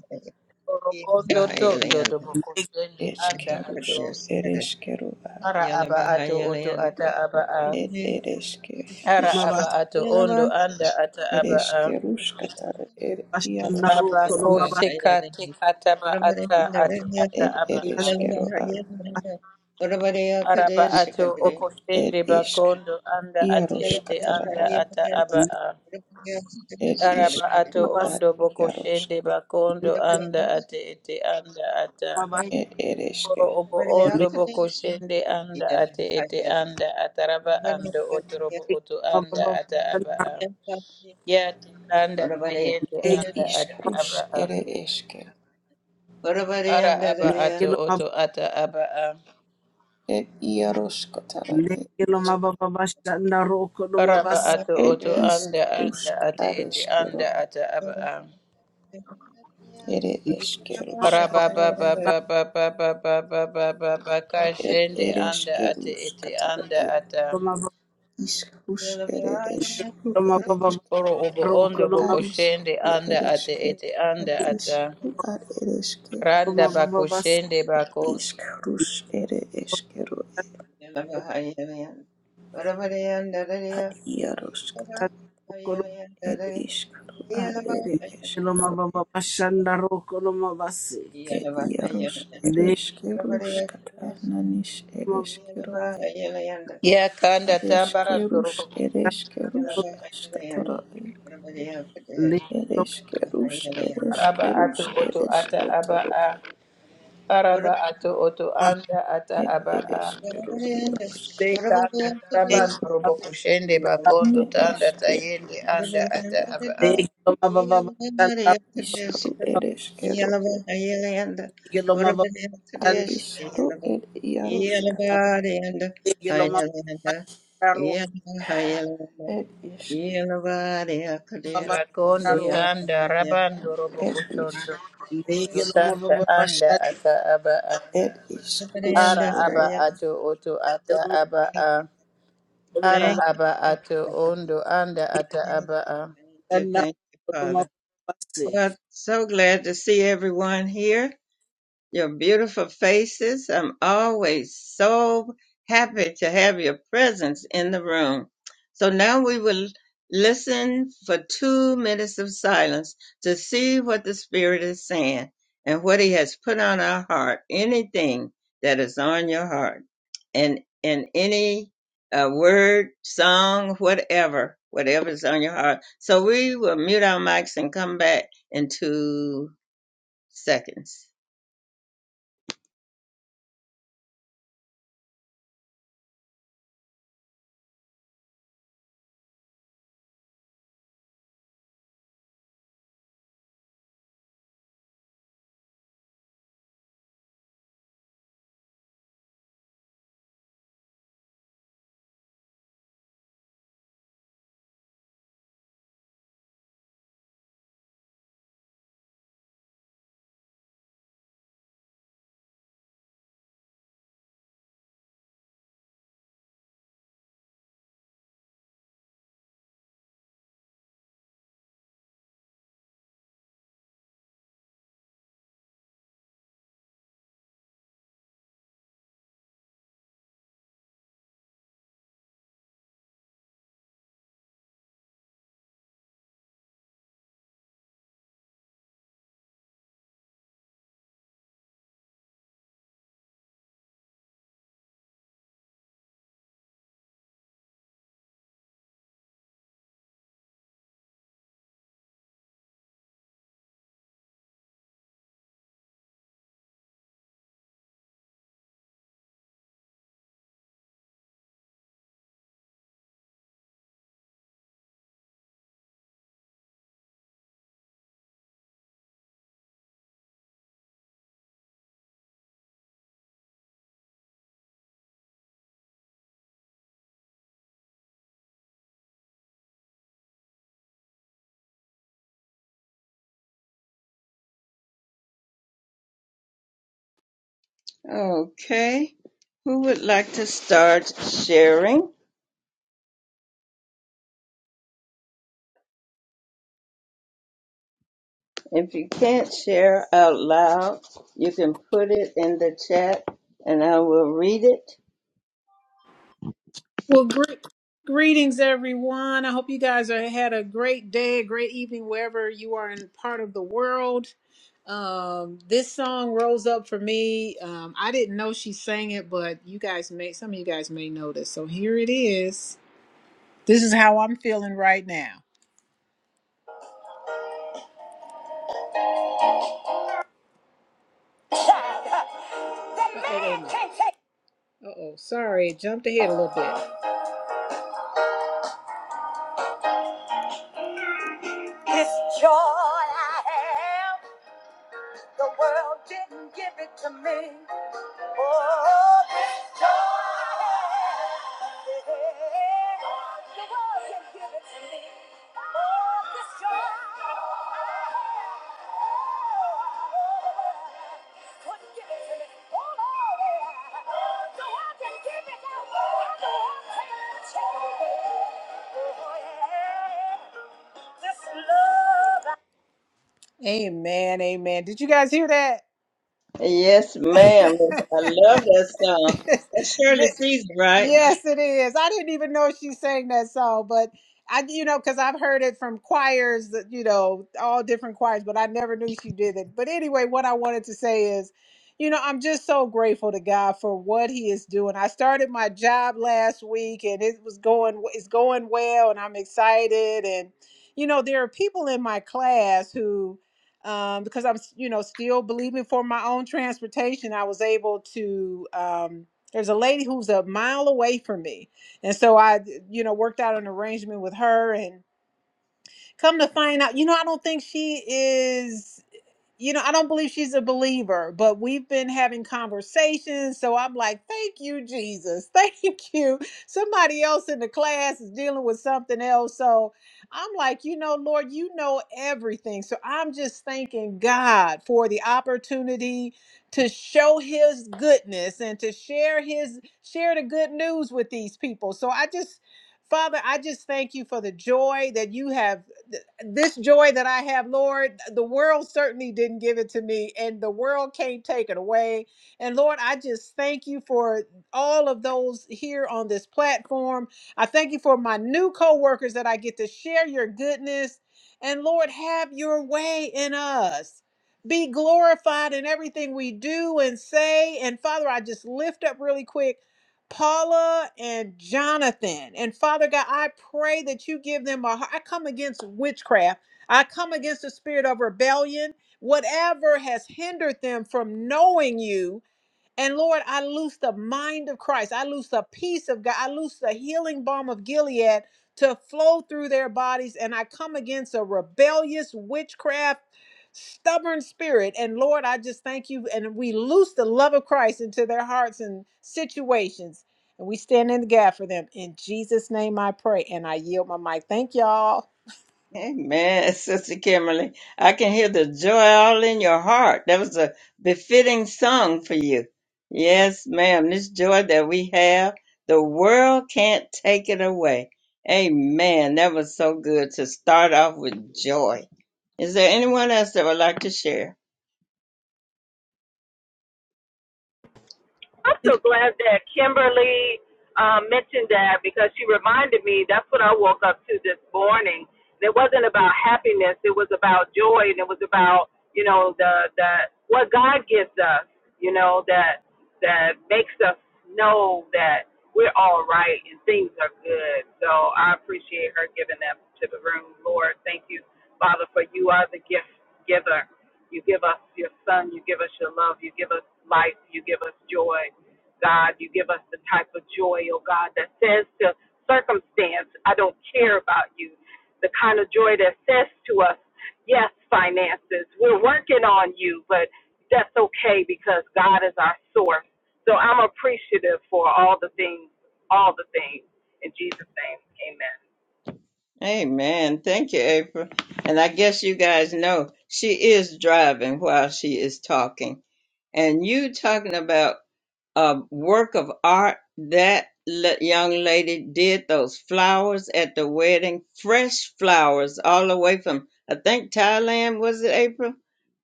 S4: orogondo tondo doboko shende anda ato
S3: iškeruška, ir iškerua,
S4: ara aba ato oto ata aba a
S3: ir ir
S4: ara aba ato ondo anda ata aba a Rabako
S3: iaruškatara,
S4: sheka teka taba ata ati ata
S3: ir
S4: aba
S3: ir
S4: a.
S3: iškerua,
S4: Araba ato oko
S3: ir išk
S4: bakondo anda ate
S1: Yes.
S4: ete anda
S3: iaruškatara,
S4: ata aba a.
S3: ir
S4: Araba ato
S3: iškerua,
S4: ondo boko
S3: iarušk,
S4: bakondo anda ate ete anda ata.
S3: ir ir iške,
S4: Oro obo ondo boko anda ate ete anda ataraba ando otorobo oto anda ata aba a. Yate anda tayende
S3: ir
S4: anda ata
S3: iškerus,
S4: aba a.
S3: ir
S4: Ara aba ato oto ata aba a.
S3: Ed iaroskatara ed isk
S4: Araba ato
S3: ed
S4: oto anda anda ate ete
S3: iskaruskaruskero
S4: anda ata aba a.
S3: ere eskeruskatara ed
S4: Rabababababababababababakashende
S3: ere
S4: anda ate ete anda
S3: ed
S4: ata.
S3: iskrus ere esru ere
S4: Oro obo ondo boko shende
S3: ariskru
S4: anda
S3: ere
S4: ate ete
S3: ad
S4: anda ata.
S3: iskru ad ere
S4: Randa bako shende bako.
S3: iskrus
S1: Yeah.
S3: ere eskero ad iaroskata ed iskru ad ere
S2: Loma
S3: eskero
S2: baba bashanda roko loma baseke.
S3: Et Yarosh
S2: Lege
S3: Ereskerus Katananis
S2: loma
S3: Ereskero e
S4: Ya kanda tambara ndoro
S3: Areskerus
S4: boko shende anda
S3: Ereskerus
S2: bashanda
S3: Askatara e
S2: lege loma
S3: Ereskerus
S4: Araba ato
S3: Ereskerus
S4: oto ata aba
S3: Eresketoro
S4: a. Araba ato oto
S2: baba
S4: anda ata
S3: Et
S4: aba a.
S3: Ereskero Yarosk
S4: Deka anda taraba ndoro boko shende bakondo
S3: Ne
S4: tanda tayende
S1: Thank you. Father. Thank
S3: Eskerus
S4: anda ata
S3: Kata
S4: aba a.
S2: lege loma baba bashanda lege loma baba bashanda
S3: Isharu Ereskero e A Isharu Et Yarosh Katara
S2: lege loma baba bashanda roko
S3: Et Isk
S2: baba bashanda
S4: Rakondo
S2: roko
S4: tanda rabando robo
S3: Et Isk
S4: kosondo.
S2: lege
S4: Kondo
S2: loma
S4: tanda
S2: baba
S4: anda
S2: bashanda
S4: ata aba a.
S3: Et Iskrus
S4: Ara aba ato oto ata
S2: roko
S4: aba a.
S2: loma
S4: Ara aba ato ondo anda ata aba a.
S1: you,
S2: bashanda
S1: thank you,
S2: roko loma baba
S1: Father.
S2: baseke.
S1: Well, so glad to see everyone here. your beautiful faces. I'm always so happy to have your presence in the room. So now we will listen for two minutes of silence to see what the Spirit is saying and what He has put on our heart, anything that is on your heart, and, and any uh, word, song, whatever, whatever is on your heart. So we will mute our mics and come back in two seconds. Okay. Who would like to start sharing? If you can't share out loud, you can put it in the chat and I will read it.
S5: Well, gre- greetings, everyone. I hope you guys are, had a great day, a great evening, wherever you are in part of the world. Um, this song rose up for me. Um, I didn't know she sang it, but you guys may, some of you guys may know this. So here it is. This is how I'm feeling right now. Uh oh, sorry, it jumped ahead a little bit. This joy I have, the world didn't give it to me. Oh, yeah, Oh, Oh, yeah. Oh, yeah. Amen, amen. Did you guys hear that?
S1: Yes, ma'am. I love that song. That's Shirley
S5: Th-
S1: Caesar, right?
S5: Yes, it is. I didn't even know she sang that song, but I, you know, because I've heard it from choirs, that you know, all different choirs, but I never knew she did it. But anyway, what I wanted to say is, you know, I'm just so grateful to God for what He is doing. I started my job last week, and it was going, it's going well, and I'm excited. And you know, there are people in my class who, um, because I'm, you know, still believing for my own transportation, I was able to. Um, there's a lady who's a mile away from me. And so I, you know, worked out an arrangement with her and come to find out, you know, I don't think she is you know, I don't believe she's a believer, but we've been having conversations. So I'm like, thank you, Jesus. Thank you. Somebody else in the class is dealing with something else. So I'm like, you know, Lord, you know everything. So I'm just thanking God for the opportunity to show his goodness and to share his share the good news with these people. So I just Father, I just thank you for the joy that you have this joy that I have, Lord, the world certainly didn't give it to me, and the world can't take it away. And Lord, I just thank you for all of those here on this platform. I thank you for my new co workers that I get to share your goodness. And Lord, have your way in us. Be glorified in everything we do and say. And Father, I just lift up really quick. Paula and Jonathan. And Father God, I pray that you give them a heart. I come against witchcraft. I come against the spirit of rebellion, whatever has hindered them from knowing you and Lord, I loose the mind of Christ. I loose the peace of God. I loose the healing balm of Gilead to flow through their bodies. And I come against a rebellious witchcraft, stubborn spirit. And Lord, I just thank you. And we loose the love of Christ into their hearts and situations. And we stand in the gap for them. In Jesus' name I pray. And I yield my mic. Thank y'all.
S1: Amen, Sister Kimberly. I can hear the joy all in your heart. That was a befitting song for you. Yes, ma'am. This joy that we have, the world can't take it away. Amen. That was so good to start off with joy. Is there anyone else that would like to share?
S6: I'm so glad that Kimberly uh, mentioned that because she reminded me that's what I woke up to this morning. And it wasn't about happiness; it was about joy, and it was about you know the the what God gives us, you know that that makes us know that we're all right and things are good. So I appreciate her giving that to the room, Lord. Thank you, Father, for you are the gift giver. You give us your son. You give us your love. You give us life. You give us joy. God, you give us the type of joy, oh God, that says to circumstance, I don't care about you. The kind of joy that says to us, yes, finances, we're working on you, but that's okay because God is our source. So I'm appreciative for all the things, all the things. In Jesus' name, amen.
S1: Amen. Thank you, April. And I guess you guys know she is driving while she is talking. And you talking about a work of art that le- young lady did those flowers at the wedding fresh flowers all the way from i think thailand was it april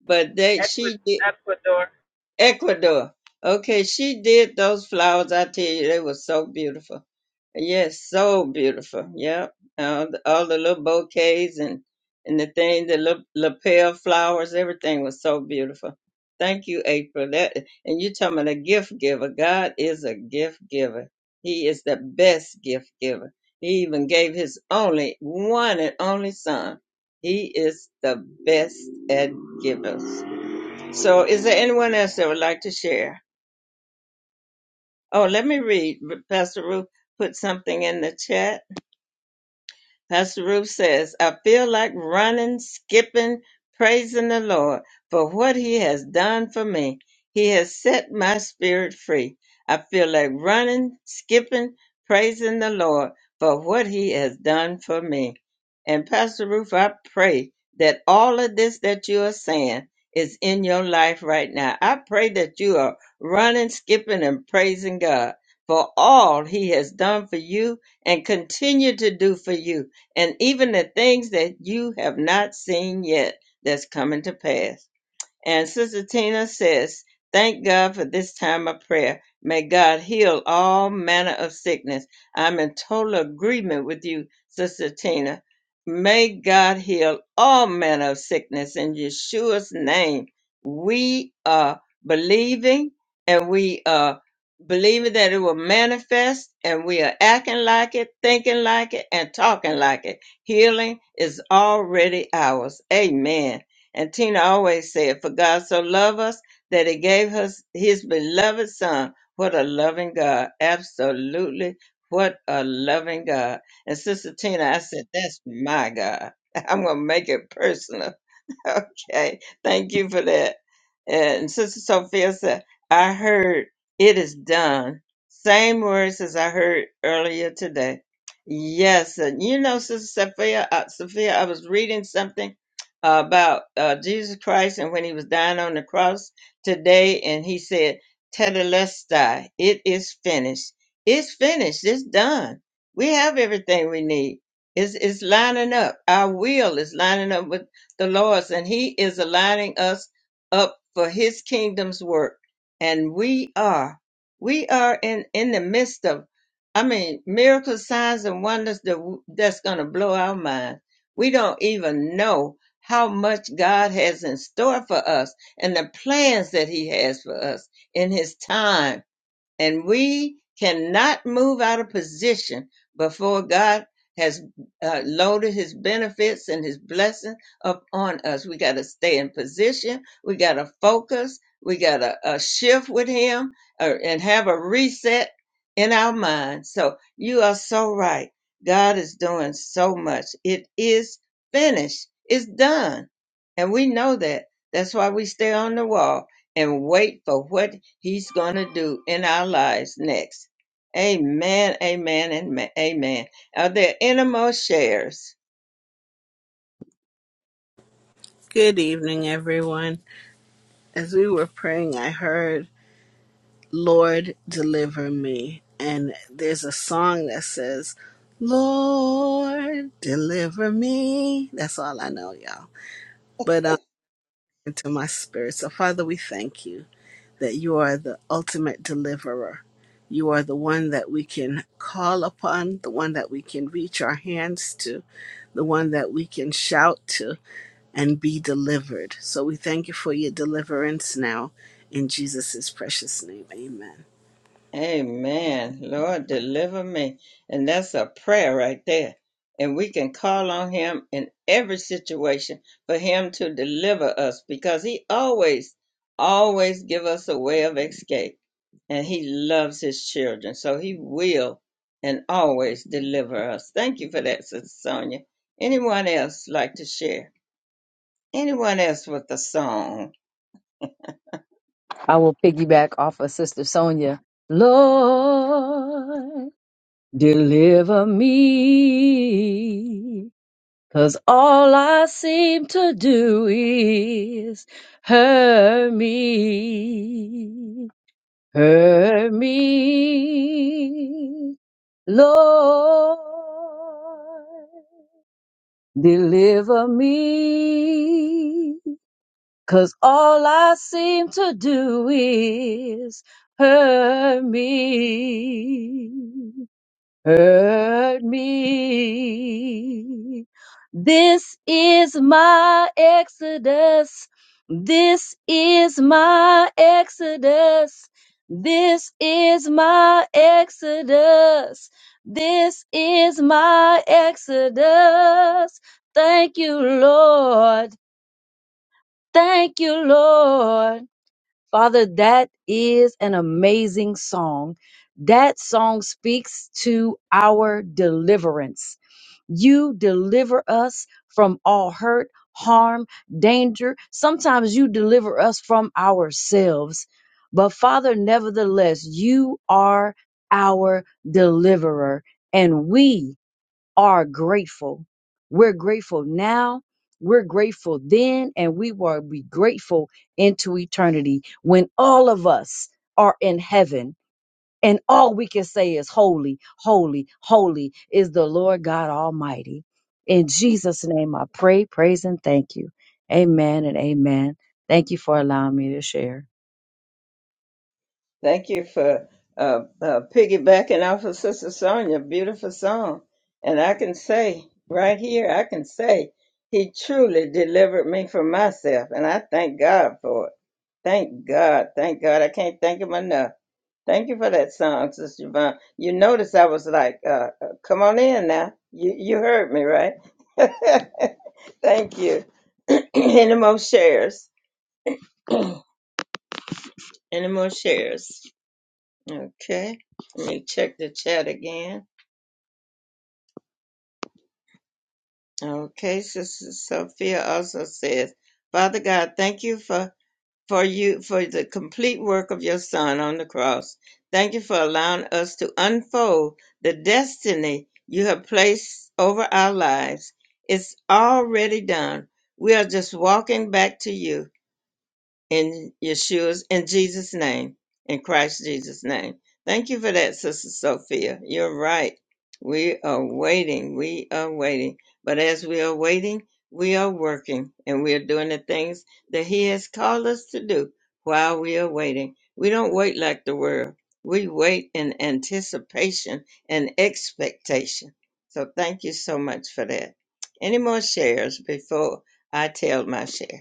S1: but they she did
S6: Ecuador,
S1: ecuador okay she did those flowers i tell you they were so beautiful Yes, so beautiful. Yep. All the, all the little bouquets and and the thing, the little lapel flowers, everything was so beautiful. Thank you, April. That and you talking about a gift giver. God is a gift giver. He is the best gift giver. He even gave his only one and only son. He is the best at givers. So is there anyone else that would like to share? Oh, let me read. Pastor Ruth put something in the chat Pastor Ruth says, I feel like running, skipping, praising the Lord for what he has done for me. He has set my spirit free. I feel like running, skipping, praising the Lord for what he has done for me. And Pastor Ruth, I pray that all of this that you are saying is in your life right now. I pray that you are running, skipping, and praising God for all he has done for you and continue to do for you and even the things that you have not seen yet that's coming to pass. And Sister Tina says, Thank God for this time of prayer. May God heal all manner of sickness. I'm in total agreement with you, Sister Tina. May God heal all manner of sickness in Yeshua's name. We are believing and we are believing that it will manifest and we are acting like it, thinking like it, and talking like it. Healing is already ours. Amen. And Tina always said, For God so loved us that he gave us his beloved son. What a loving God. Absolutely. What a loving God. And Sister Tina, I said, That's my God. I'm going to make it personal. okay. Thank you for that. And Sister Sophia said, I heard it is done. Same words as I heard earlier today. Yes. And you know, Sister Sophia, uh, Sophia, I was reading something about uh, Jesus Christ and when he was dying on the cross today, and he said, Tetelestai, it is finished. It's finished. It's done. We have everything we need. It's, it's lining up. Our will is lining up with the Lord's, and he is aligning us up for his kingdom's work. And we are. We are in, in the midst of, I mean, miracles, signs, and wonders that, that's going to blow our mind. We don't even know how much God has in store for us and the plans that He has for us in His time and we cannot move out of position before God has uh, loaded his benefits and his blessing upon us. We got to stay in position. We got to focus. We got to uh, shift with him uh, and have a reset in our mind. So you are so right. God is doing so much. It is finished. It's done. And we know that. That's why we stay on the wall and wait for what he's going to do in our lives next. Amen, amen, and ma- amen. Are there any more shares?
S2: Good evening, everyone. As we were praying, I heard. Lord deliver me. And there's a song that says, Lord deliver me. That's all I know, y'all. But um, into my spirit. So, Father, we thank you that you are the ultimate deliverer. You are the one that we can call upon, the one that we can reach our hands to, the one that we can shout to and be delivered. So we thank you for your deliverance now. In Jesus' precious name, amen.
S1: Amen. Lord, deliver me. And that's a prayer right there. And we can call on him in every situation for him to deliver us because he always, always give us a way of escape. And he loves his children. So he will and always deliver us. Thank you for that, Sister Sonia. Anyone else like to share? Anyone else with a song?
S7: I will piggyback off of Sister Sonia. Lord, deliver me, cause all I seem to do is hurt me, hurt me, Lord, deliver me. Cause all I seem to do is hurt me, hurt me. This is my exodus. This is my exodus. This is my exodus. This is my exodus. Thank you, Lord. Thank you, Lord. Father, that is an amazing song. That song speaks to our deliverance. You deliver us from all hurt, harm, danger. Sometimes you deliver us from ourselves. But Father, nevertheless, you are our deliverer. And we are grateful. We're grateful now, we're grateful then, and we will be grateful into eternity when all of us are in heaven and all we can say is holy, holy, holy is the Lord God Almighty. In Jesus' name I pray, praise, and thank you. Amen and amen. Thank you for allowing me to share.
S1: Thank you for uh, uh, piggybacking off of Sister Sonia. Beautiful song. And I can say right here, I can say he truly delivered me from myself. And I thank God for it. Thank God. Thank God. I can't thank him enough. Thank you for that song, Sister Yvonne. You notice I was like, uh, uh, come on in now. You, you heard me, right? thank you. Any more shares? Any more shares? Okay, let me check the chat again. Okay, Sister Sophia also says, Father God, thank you for, for you for the complete work of your son on the cross. Thank you for allowing us to unfold the destiny you have placed over our lives. It's already done. We are just walking back to you. in Yeshua's in Jesus' name, in Christ Jesus' name. Thank you for that, Sister Sophia. You're right. We are waiting. We are waiting. But as we are waiting, we are working and we are doing the things that He has called us to do while we are waiting. We don't wait like the world. We wait in anticipation and expectation. So thank you so much for that. Any more shares before I tell my share?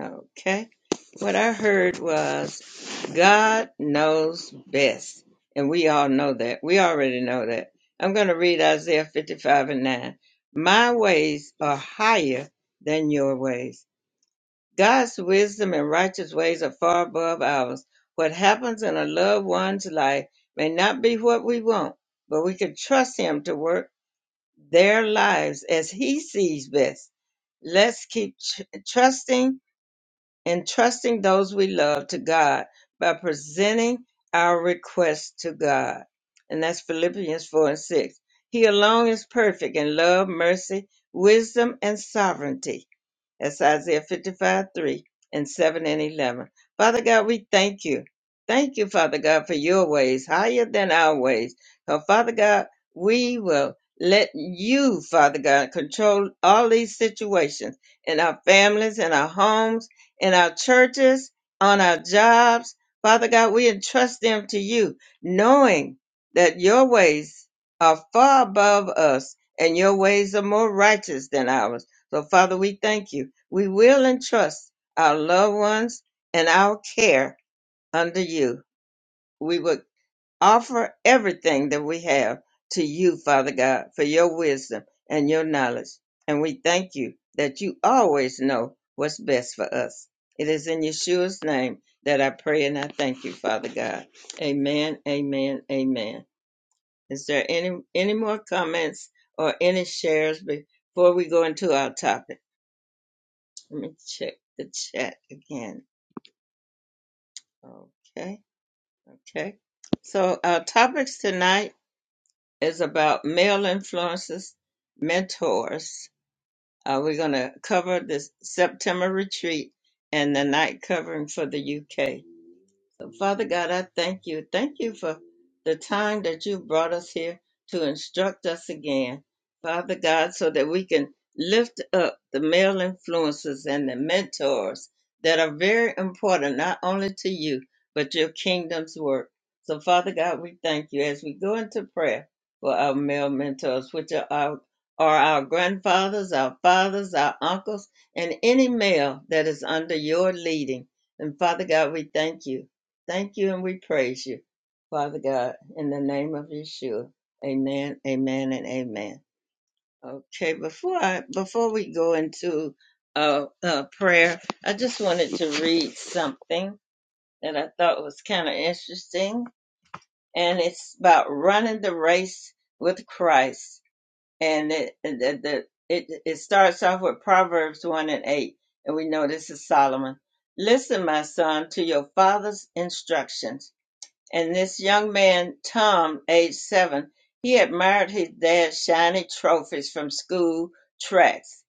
S1: Okay. What I heard was God knows best. And we all know that. We already know that. I'm going to read Isaiah 55 and 9. My ways are higher than your ways. God's wisdom and righteous ways are far above ours. What happens in a loved one's life may not be what we want, but we can trust Him to work their lives as He sees best. Let's keep tr- trusting and trusting those we love to God by presenting our requests to God. And that's Philippians 4 and 6. He alone is perfect in love, mercy, wisdom, and sovereignty. That's Isaiah 55, 3 and 7 and 11. Father God, we thank you. Thank you, Father God, for your ways higher than our ways. So, Father God, we will let you, Father God, control all these situations in our families, in our homes, in our churches, on our jobs. Father God, we entrust them to you, knowing that your ways are far above us and your ways are more righteous than ours. So, Father, we thank you. We will entrust our loved ones and our care under you. We would offer everything that we have to you, Father God, for your wisdom and your knowledge. And we thank you that you always know what's best for us. It is in Yeshua's name that I pray and I thank you, Father God. Amen, amen, amen. Is there any, any more comments or any shares before we go into our topic? Let me check the chat again. Okay, okay. So our topics tonight is about male influences, mentors. Uh, we're going to cover this September retreat and the night covering for the UK. So, Father God, I thank you. Thank you for the time that you brought us here to instruct us again, Father God, so that we can lift up the male influences and the mentors that are very important, not only to you, but your kingdom's work. So, Father God, we thank you as we go into prayer for our male mentors, which are our, are our grandfathers, our fathers, our uncles, and any male that is under your leading. And Father God, we thank you. Thank you and we praise you, Father God, in the name of Yeshua. Amen, amen, and amen. Okay, before I before we go into uh, uh prayer, I just wanted to read something that I thought was kind of interesting, and it's about running the race with Christ. And it and the, the, it it starts off with Proverbs one and eight, and we know this is Solomon. Listen, my son, to your father's instructions and this young man, Tom, age seven, he admired his dad's shiny trophies from school tracks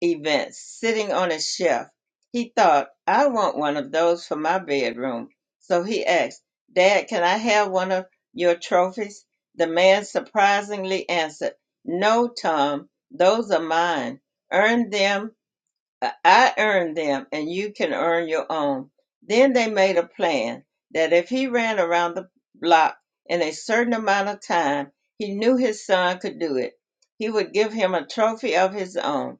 S1: events sitting on a shelf. He thought, I want one of those for my bedroom. So he asked, Dad, can I have one of your trophies? The man surprisingly answered, No, Tom, those are mine. Earn them I earned them, and you can earn your own. Then they made a plan that if he ran around the block in a certain amount of time, he knew his son could do it. He would give him a trophy of his own.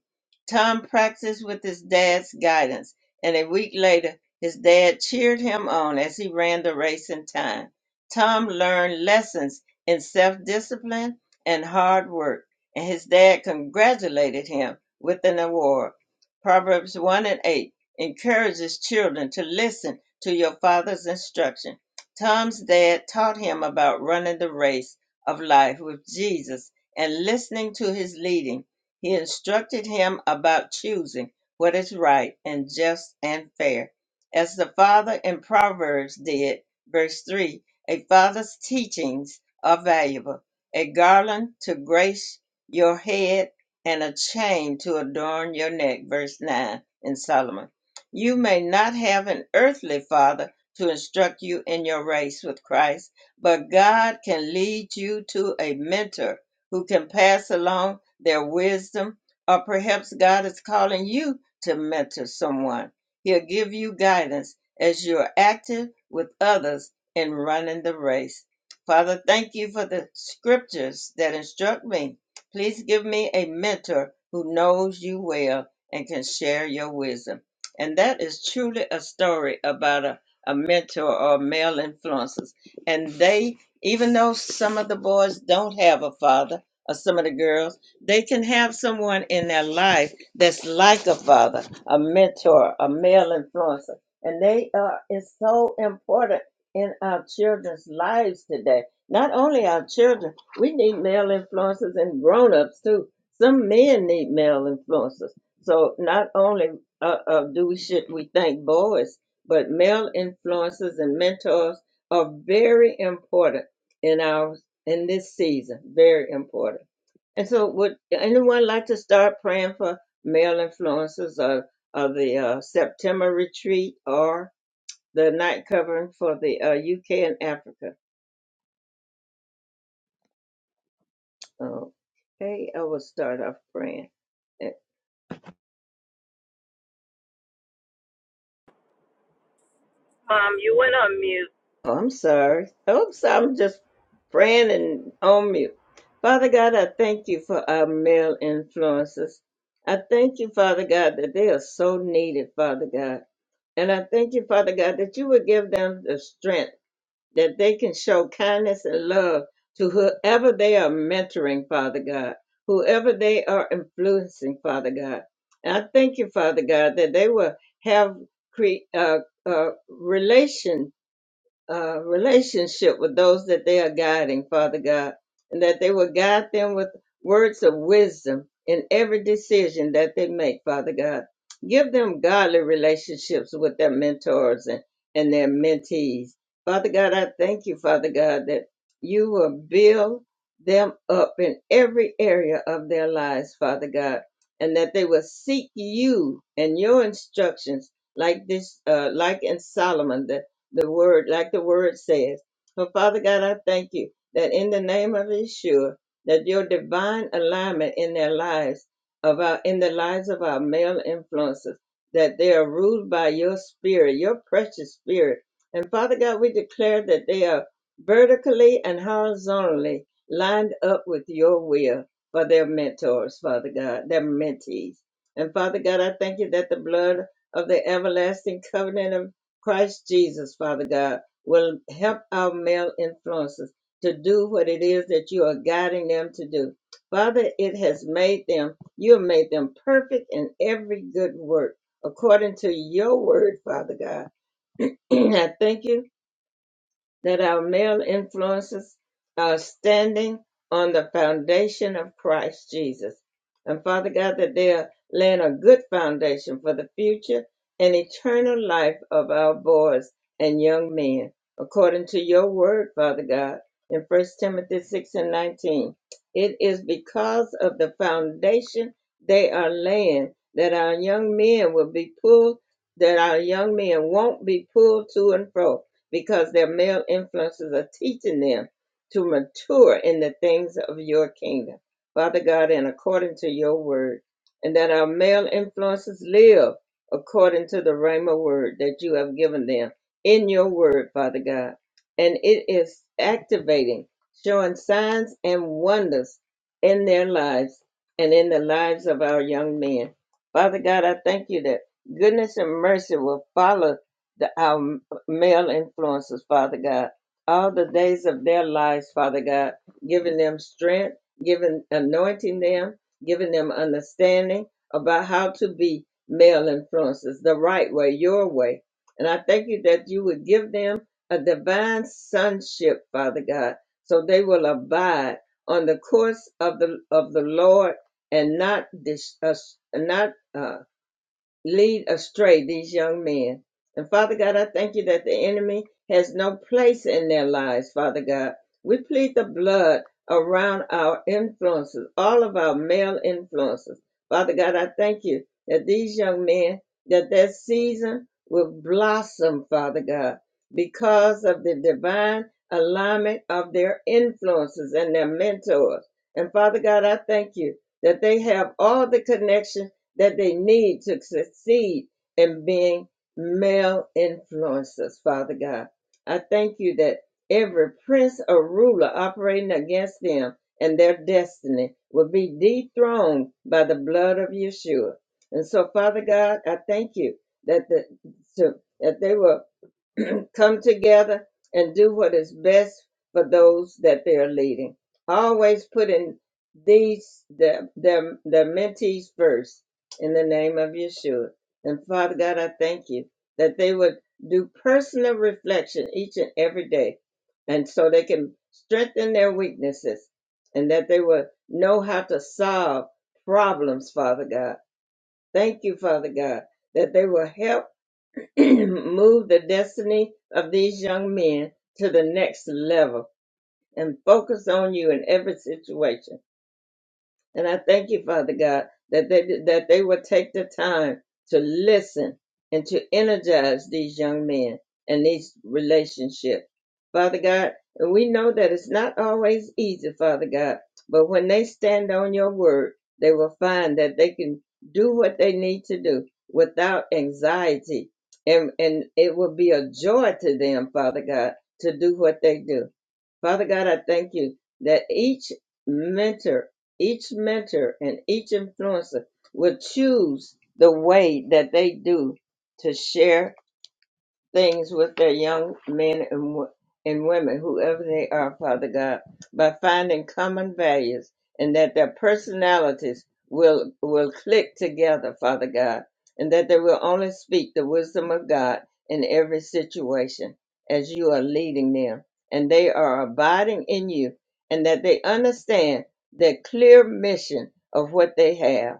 S1: Tom practiced with his dad's guidance, and a week later, his dad cheered him on as he ran the race in time. Tom learned lessons in self discipline and hard work, and his dad congratulated him with an award. Proverbs 1 and 8 encourages children to listen to your father's instruction. Tom's dad taught him about running the race of life with Jesus and listening to his leading. He instructed him about choosing what is right and just and fair. As the father in Proverbs did, verse 3 a father's teachings are valuable. A garland to grace your head and a chain to adorn your neck. Verse 9 in Solomon. You may not have an earthly father to instruct you in your race with Christ, but God can lead you to a mentor who can pass along their wisdom, or perhaps God is calling you to mentor someone. He'll give you guidance as you're active with others in running the race. Father, thank you for the scriptures that instruct me Please give me a mentor who knows you well and can share your wisdom. And that is truly a story about a, a mentor or male influencers. And they, even though some of the boys don't have a father, or some of the girls, they can have someone in their life that's like a father, a mentor, a male influencer. And they are, it's so important in our children's lives today. Not only our children we need male influencers and grown-ups too. Some men need male influencers. So not only uh, uh, do we should we thank boys, but male influencers and mentors are very important in our in this season. Very important. And so, would anyone like to start praying for male influencers or, or the uh, September retreat or the night covering for the uh, UK and Africa? Okay, I will start off praying. Eh,
S6: Mom, you went on mute.
S1: Oh, I'm sorry. Oh, I'm sorry. I'm just praying and on mute. Father God, I thank you for our male influences. I thank you, Father God, that they are so needed, Father God. And I thank you, Father God, that you would give them the strength. that they can show kindness and love to whoever they are mentoring, Father God, whoever they are influencing, Father God. And I thank you, Father God, that they will have cre- uh, uh, relation uh, relationship with those that they are guiding, Father God, and that they will guide them with words of wisdom in every decision that they make, Father God. Give them godly relationships with their mentors and, and their mentees. Father God, I thank you, Father God, that you will build them up in every area of their lives, Father God, and that they will seek you and your instructions like this, uh, like in Solomon, the word, like the word says. So, Father God, I thank you that in the name of Yeshua, that your divine alignment in their lives, of our, in the lives of our male influences, that they are ruled by your spirit, your precious spirit. And Father God, we declare that they are vertically and horizontally lined up with your will for their mentors, Father God, their mentees. And Father God, I thank you that the blood of the everlasting covenant of Christ Jesus, Father God, will help our male influences to do what it is that you are guiding them to do. Father, it has made them, you have made them perfect in every good work according to your word, Father God. I thank you that our male influences are standing on the foundation of Christ Jesus. And Father God, that they are laying a good foundation for the future and eternal life of our boys and young men, according to your word, Father God, in First Timothy 6 and 19. It is because of the foundation they are laying that our young men will be pulled, that our young men won't be pulled to and fro because their male influences are teaching them to mature in the things of your kingdom. Father God, and according to your word, and that our male influences live according to the Rhema word that you have given them in your word, Father God. And it is activating, showing signs and wonders in their lives and in the lives of our young men. Father God, I thank you that goodness and mercy will follow the, our male influences, Father God, all the days of their lives, Father God, giving them strength, giving anointing them, giving them understanding about how to be male influences the right way, your way. And I thank you that you would give them a divine sonship, Father God, so they will abide on the course of the of the Lord and not dis, uh, not uh, lead astray these young men. And Father God, I thank you that the enemy has no place in their lives, Father God. We plead the blood around our influences, all of our male influences. Father God, I thank you that these young men, that their season will blossom, Father God, because of the divine alignment of their influences and their mentors. And Father God, I thank you that they have all the connection that they need to succeed in being male influencers, Father God. I thank you that every prince or ruler operating against them and their destiny will be dethroned by the blood of Yeshua. And so, Father God, I thank you that the to, that they will come together and do what is best for those that they're leading. Always put in these the the, the mentees first in the name of Yeshua. And Father God, I thank you that they would do personal reflection each and every day, and so they can strengthen their weaknesses, and that they would know how to solve problems. Father God, thank you, Father God, that they will help move the destiny of these young men to the next level and focus on you in every situation. And I thank you, Father God, that they that they will take the time to listen and to energize these young men and these relationships. Father God, and we know that it's not always easy, Father God, but when they stand on your word, they will find that they can do what they need to do without anxiety. And, and it will be a joy to them, Father God, to do what they do. Father God, I thank you that each mentor each mentor and each influencer will choose the way that they do to share things with their young men and, wo- and women, whoever they are, Father God, by finding common values and that their personalities will will click together, Father God, and that they will only speak the wisdom of God in every situation as you are leading them and they are abiding in you and that they understand the clear mission of what they have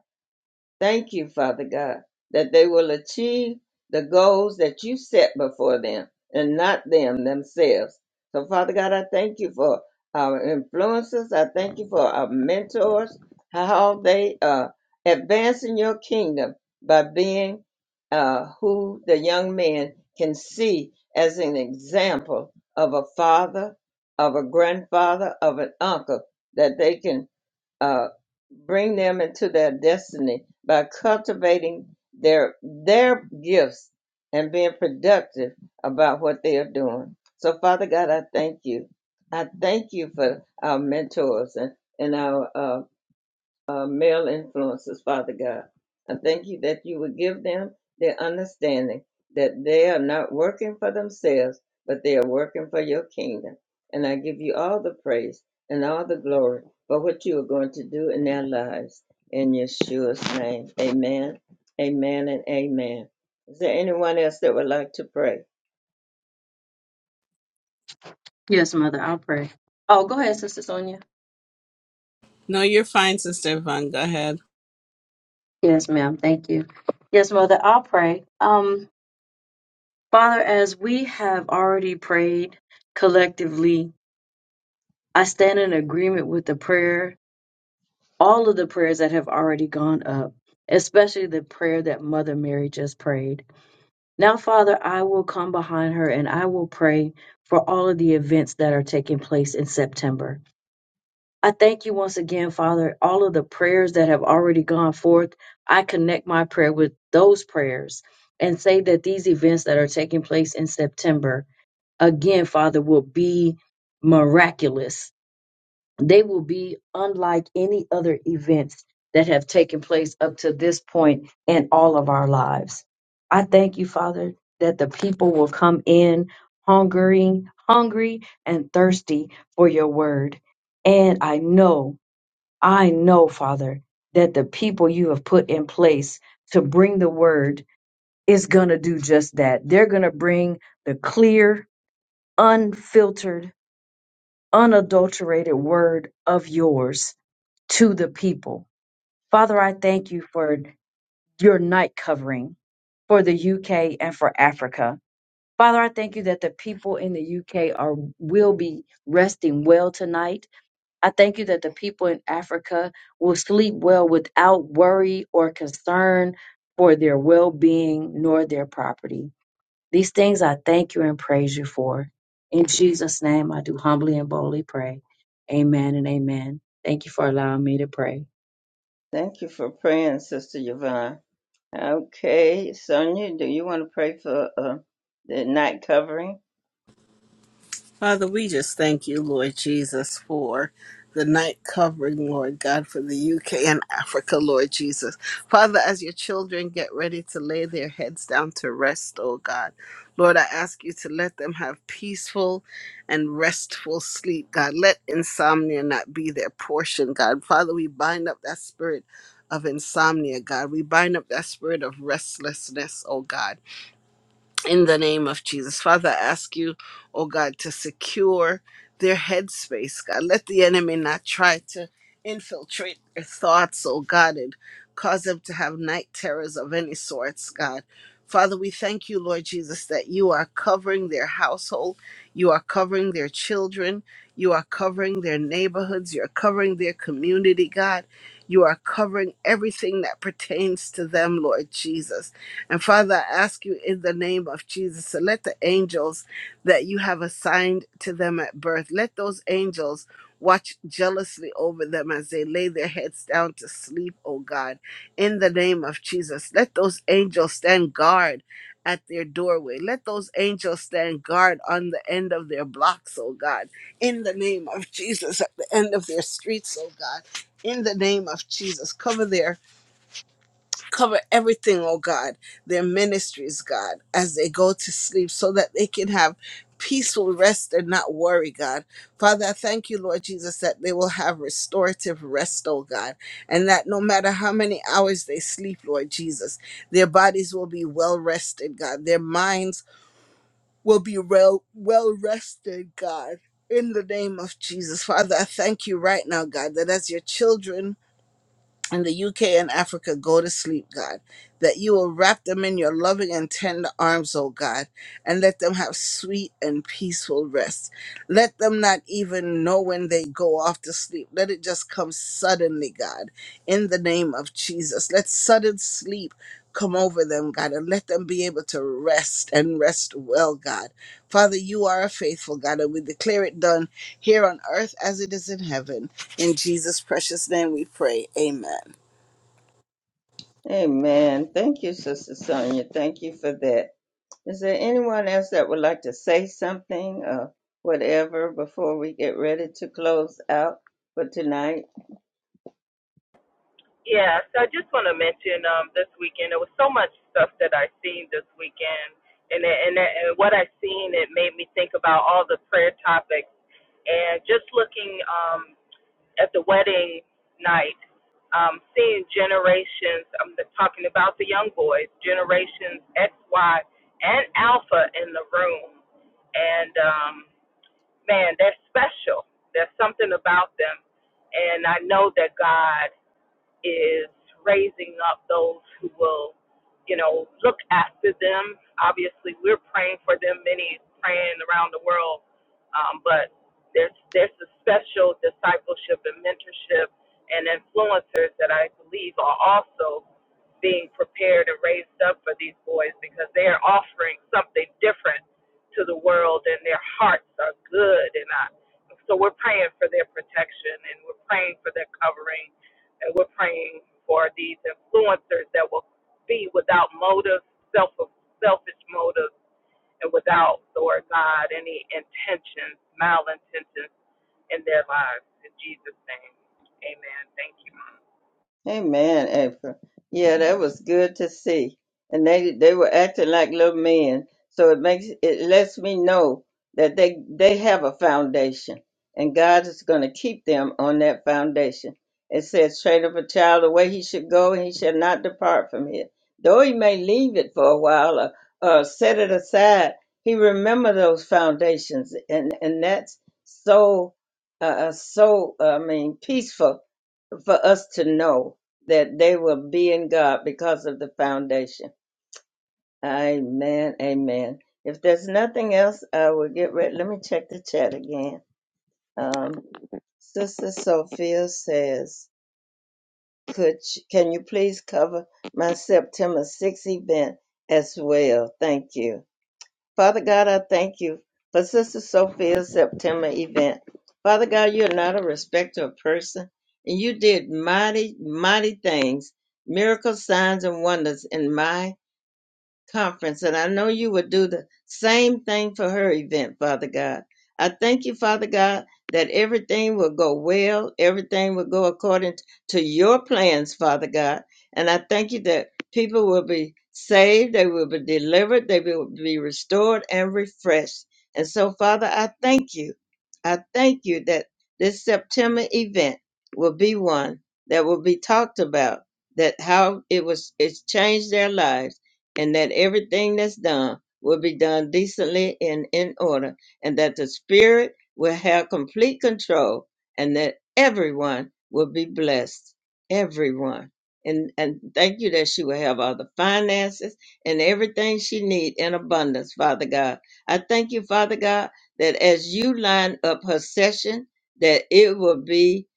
S1: Thank you, Father God, that they will achieve the goals that you set before them and not them themselves. So, Father God, I thank you for our influencers. I thank you for our mentors, how they are advancing your kingdom by being uh, who the young man can see as an example of a father, of a grandfather, of an uncle, that they can uh, bring them into their destiny by cultivating their their gifts and being productive about what they are doing. So, Father God, I thank you. I thank you for our mentors and and our uh, uh, male influences, Father God. I thank you that you would give them their understanding that they are not working for themselves, but they are working for your kingdom. And I give you all the praise and all the glory for what you are going to do in their lives. In Yeshua's name, amen, amen, and amen. Is there anyone else that would like to pray?
S7: Yes, pray. Oh, Gunya.
S2: No, you're fine, Sister Yvonne. Go ahead.
S7: Yes, ma'am. Thank you. Yes, mother. I'll pray. Um, Father, as we have already prayed collectively, I stand in agreement with the prayer, all of the prayers that have already gone up, especially the prayer that Mother Mary just prayed. Now, Father, I will come behind her and I will pray for all of the events that are taking place in September. I thank you once again, Father, all of the prayers that have already gone forth. I connect my prayer with those prayers and say that these events that are taking place in September again, Father, will be miraculous. They will be unlike any other events that have taken place up to this point in all of our lives. I thank you, Father, that the people will come in hungering, hungry and thirsty for your word. And I know, I know, Father, that the people you have put in place to bring the word is going to do just that. They're going to bring the clear, unfiltered unadulterated word of yours to the people. Father, I thank you for your night covering for the UK and for Africa. Father, I thank you that the people in the UK are will be resting well tonight. I thank you that the people in Africa will sleep well without worry or concern for their well-being nor their property. These things I thank you and praise you for. In Jesus' name, I do humbly and boldly pray. Amen and amen. Thank you for allowing me to pray.
S1: Thank you for praying, Sister Yvonne. Okay, Sonia, do you want to pray for uh, the night covering?
S2: Father, we just thank you, Lord Jesus, for the night covering, Lord God, for the UK and Africa, Lord Jesus. Father, as your children get ready to lay their heads down to rest, oh God, Lord, I ask you to let them have peaceful and restful sleep, God. Let insomnia not be their portion, God. Father, we bind up that spirit of insomnia, God. We bind up that spirit of restlessness, oh God. in the name of Jesus. Father, I ask you, oh God, to secure their headspace, God. Let the enemy not try to infiltrate their thoughts, oh God, and cause them to have night terrors of any sorts, God. Father, we thank you, Lord Jesus, that you are covering their household, you are covering their children, you are covering their neighborhoods, you're covering their community, God. You are covering everything that pertains to them, Lord Jesus. And Father, I ask you in the name of Jesus to let the angels that you have assigned to them at birth, let those angels watch jealously over them as they lay their heads down to sleep, oh God, in the name of Jesus. Let those angels stand guard at their doorway. Let those angels stand guard on the end of their blocks, oh God, in the name of Jesus, at the end of their streets, oh God, in the name of Jesus. Cover their Cover everything, oh God, their ministries, God, as they go to sleep so that they can have peaceful rest and not worry, God. Father, I thank you, Lord Jesus, that they will have restorative rest, oh God, and that no matter how many hours they sleep, Lord Jesus, their bodies will be well rested, God. Their minds will be well, well rested, God. In the name of Jesus, Father, I thank you right now, God, that as your children, in the UK and Africa go to sleep, God. That you will wrap them in your loving and tender arms, oh God, and let them have sweet and peaceful rest. Let them not even know when they go off to sleep. Let it just come suddenly, God, in the name of Jesus. Let sudden sleep come over them, God, and let them be able to rest and rest well, God. Father, you are a faithful God, and we declare it done here on earth as it is in heaven. In Jesus' precious name we pray. Amen.
S1: Amen. Thank you, Sister Sonia. Thank you for that. Is there anyone else that would like to say something or whatever before we get ready to close out for tonight?
S6: Yeah, so I just want to mention um, this weekend there was so much stuff that I seen this weekend, and it- and, it- and what I seen it made me think about all the prayer topics, and just looking um, at the wedding night, um, seeing generations. I'm talking about the young boys, generations X, Y, and Alpha in the room, and um, man, they're special. There's something about them, and I know that God is raising up those who will, you know, look after them. Obviously, we're praying for them, many praying around the world, um, but there's there's a special discipleship and mentorship and influencers that I believe are also being prepared and raised up for these boys because they are offering something different to the world and their hearts are good and I, so we're praying for their protection and we're praying for their covering and we're praying for these influencers that will be without motive, self selfish motive, and without, Lord God, any intentions, malintentions in their lives. In Jesus' name, amen. Thank you. Mom.
S1: Amen, April. Yeah, that was good to see. And they they were acting like little men. So it makes it lets me know that they they have a foundation and God is going to keep them on that foundation. It says, train up a child the way he should go, and he shall not depart from it. Though he may leave it for a while or, or set it aside, he remember those foundations, and and that's so uh, uh, so I mean peaceful for us to know that they will be in God because of the foundation. Amen. Amen. If there's nothing else, I will get ready. Let me check the chat again. Um, Sister Sophia says, "Could you, can you please cover my September 6th event as well? Thank you." Father God, I thank you for Sister Sophia's September event. Father God, you're not a respecter of person, and you did mighty, mighty things, miracles, signs, and wonders in my conference, and I know you would do the same thing for her event, Father God. I thank you, Father God, that everything will go well, everything will go according to your plans, Father God. And I thank you that people will be saved, they will be delivered, they will be restored and refreshed. And so, Father, I thank you. I thank you that this September event will be one that will be talked about, that how it was it's changed their lives and that everything that's done will be done decently and in order, and that the Spirit will have complete control, and that everyone will be blessed. Everyone. And, and thank you that she will have all the finances and everything she need in abundance, Father God. I thank you, Father God, that as you line up her session, that it will be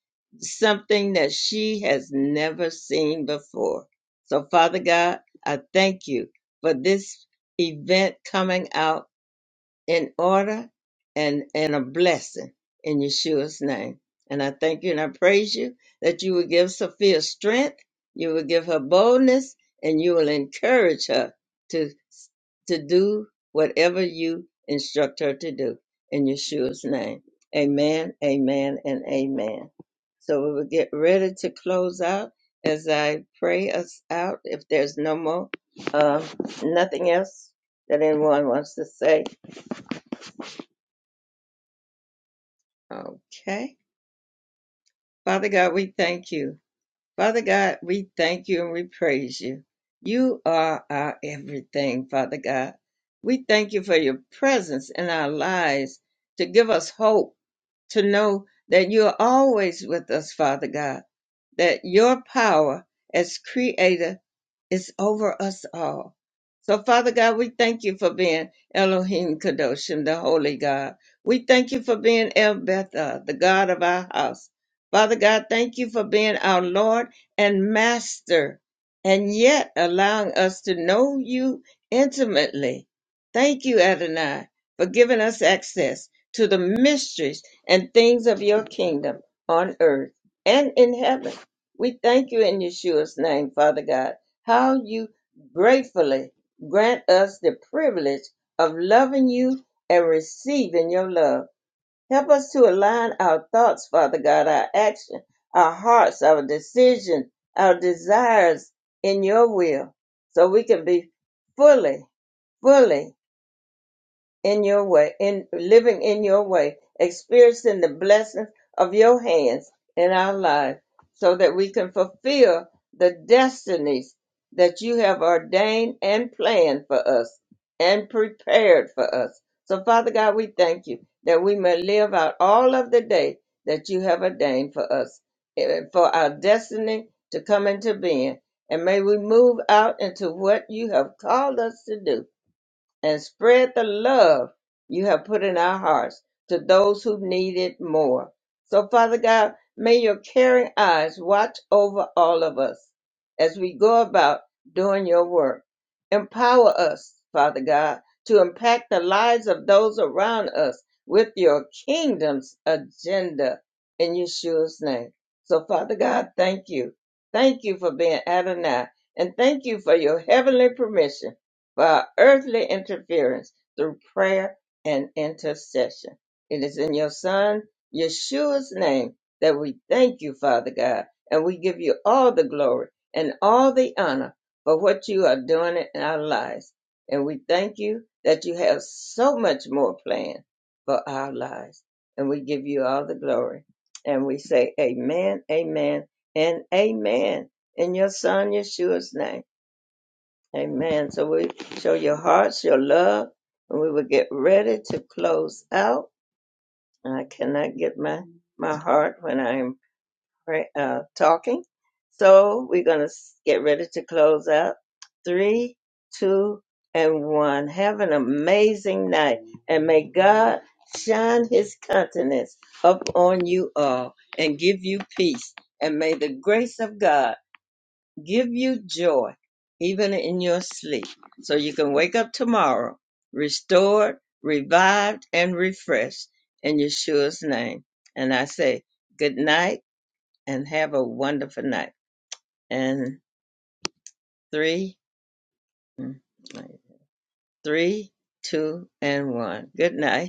S1: something that she has never seen before. So, Father God, I thank you for this event coming out in order and and a blessing in Yeshua's name. And I thank you and I praise you that you will give Sophia strength, you will give her boldness, and you will encourage her to to do whatever you instruct her to do in Yeshua's name. Amen, amen, and amen. So we will get ready to close out as I pray us out. If there's no more, uh, nothing else that anyone wants to say, Okay. Father God, we thank you. Father God, we thank you and we praise you. You are our everything, Father God. We thank you for your presence in our lives to give us hope, to know that you are always with us, Father God, that your power as creator is over us all. So, Father God, we thank you for being Elohim Kadoshim, the Holy God. We thank you for being El Betha, the God of our house. Father God, thank you for being our Lord and Master, and yet allowing us to know you intimately. Thank you, Adonai, for giving us access to the mysteries and things of your kingdom on earth and in heaven. We thank you in Yeshua's name, Father God how you gratefully grant us the privilege of loving you and receiving your love. Help us to align our thoughts, Father God, our action, our hearts, our decisions, our desires in your will, so we can be fully, fully in your way, in living in your way, experiencing the blessings of your hands in our lives, so that we can fulfill the destinies that you have ordained and planned for us and prepared for us. So, Father God, we thank you that we may live out all of the day that you have ordained for us, and for our destiny to come into being. And may we move out into what you have called us to do and spread the love you have put in our hearts to those who need it more. So, Father God, may your caring eyes watch over all of us as we go about doing your work. Empower us, Father God, to impact the lives of those around us with your kingdom's agenda in Yeshua's name. So, Father God, thank you. Thank you for being Adonai, and thank you for your heavenly permission by earthly interference through prayer and intercession. It is in your Son, Yeshua's name, that we thank you, Father God, and we give you all the glory and all the honor for what you are doing in our lives. And we thank you that you have so much more planned for our lives. And we give you all the glory. And we say, Amen, Amen, and Amen in your Son, Yeshua's name. Amen. So we show your hearts, your love, and we will get ready to close out. I cannot get my my heart when I'm pray, uh, talking. So we're gonna get ready to close out. Three, two, and one. Have an amazing night, and may God shine His countenance upon you all and give you peace. And may the grace of God give you joy even in your sleep so you can wake up tomorrow restored revived and refreshed in yeshua's name and i say good night and have a wonderful night and three mm, three two and one good night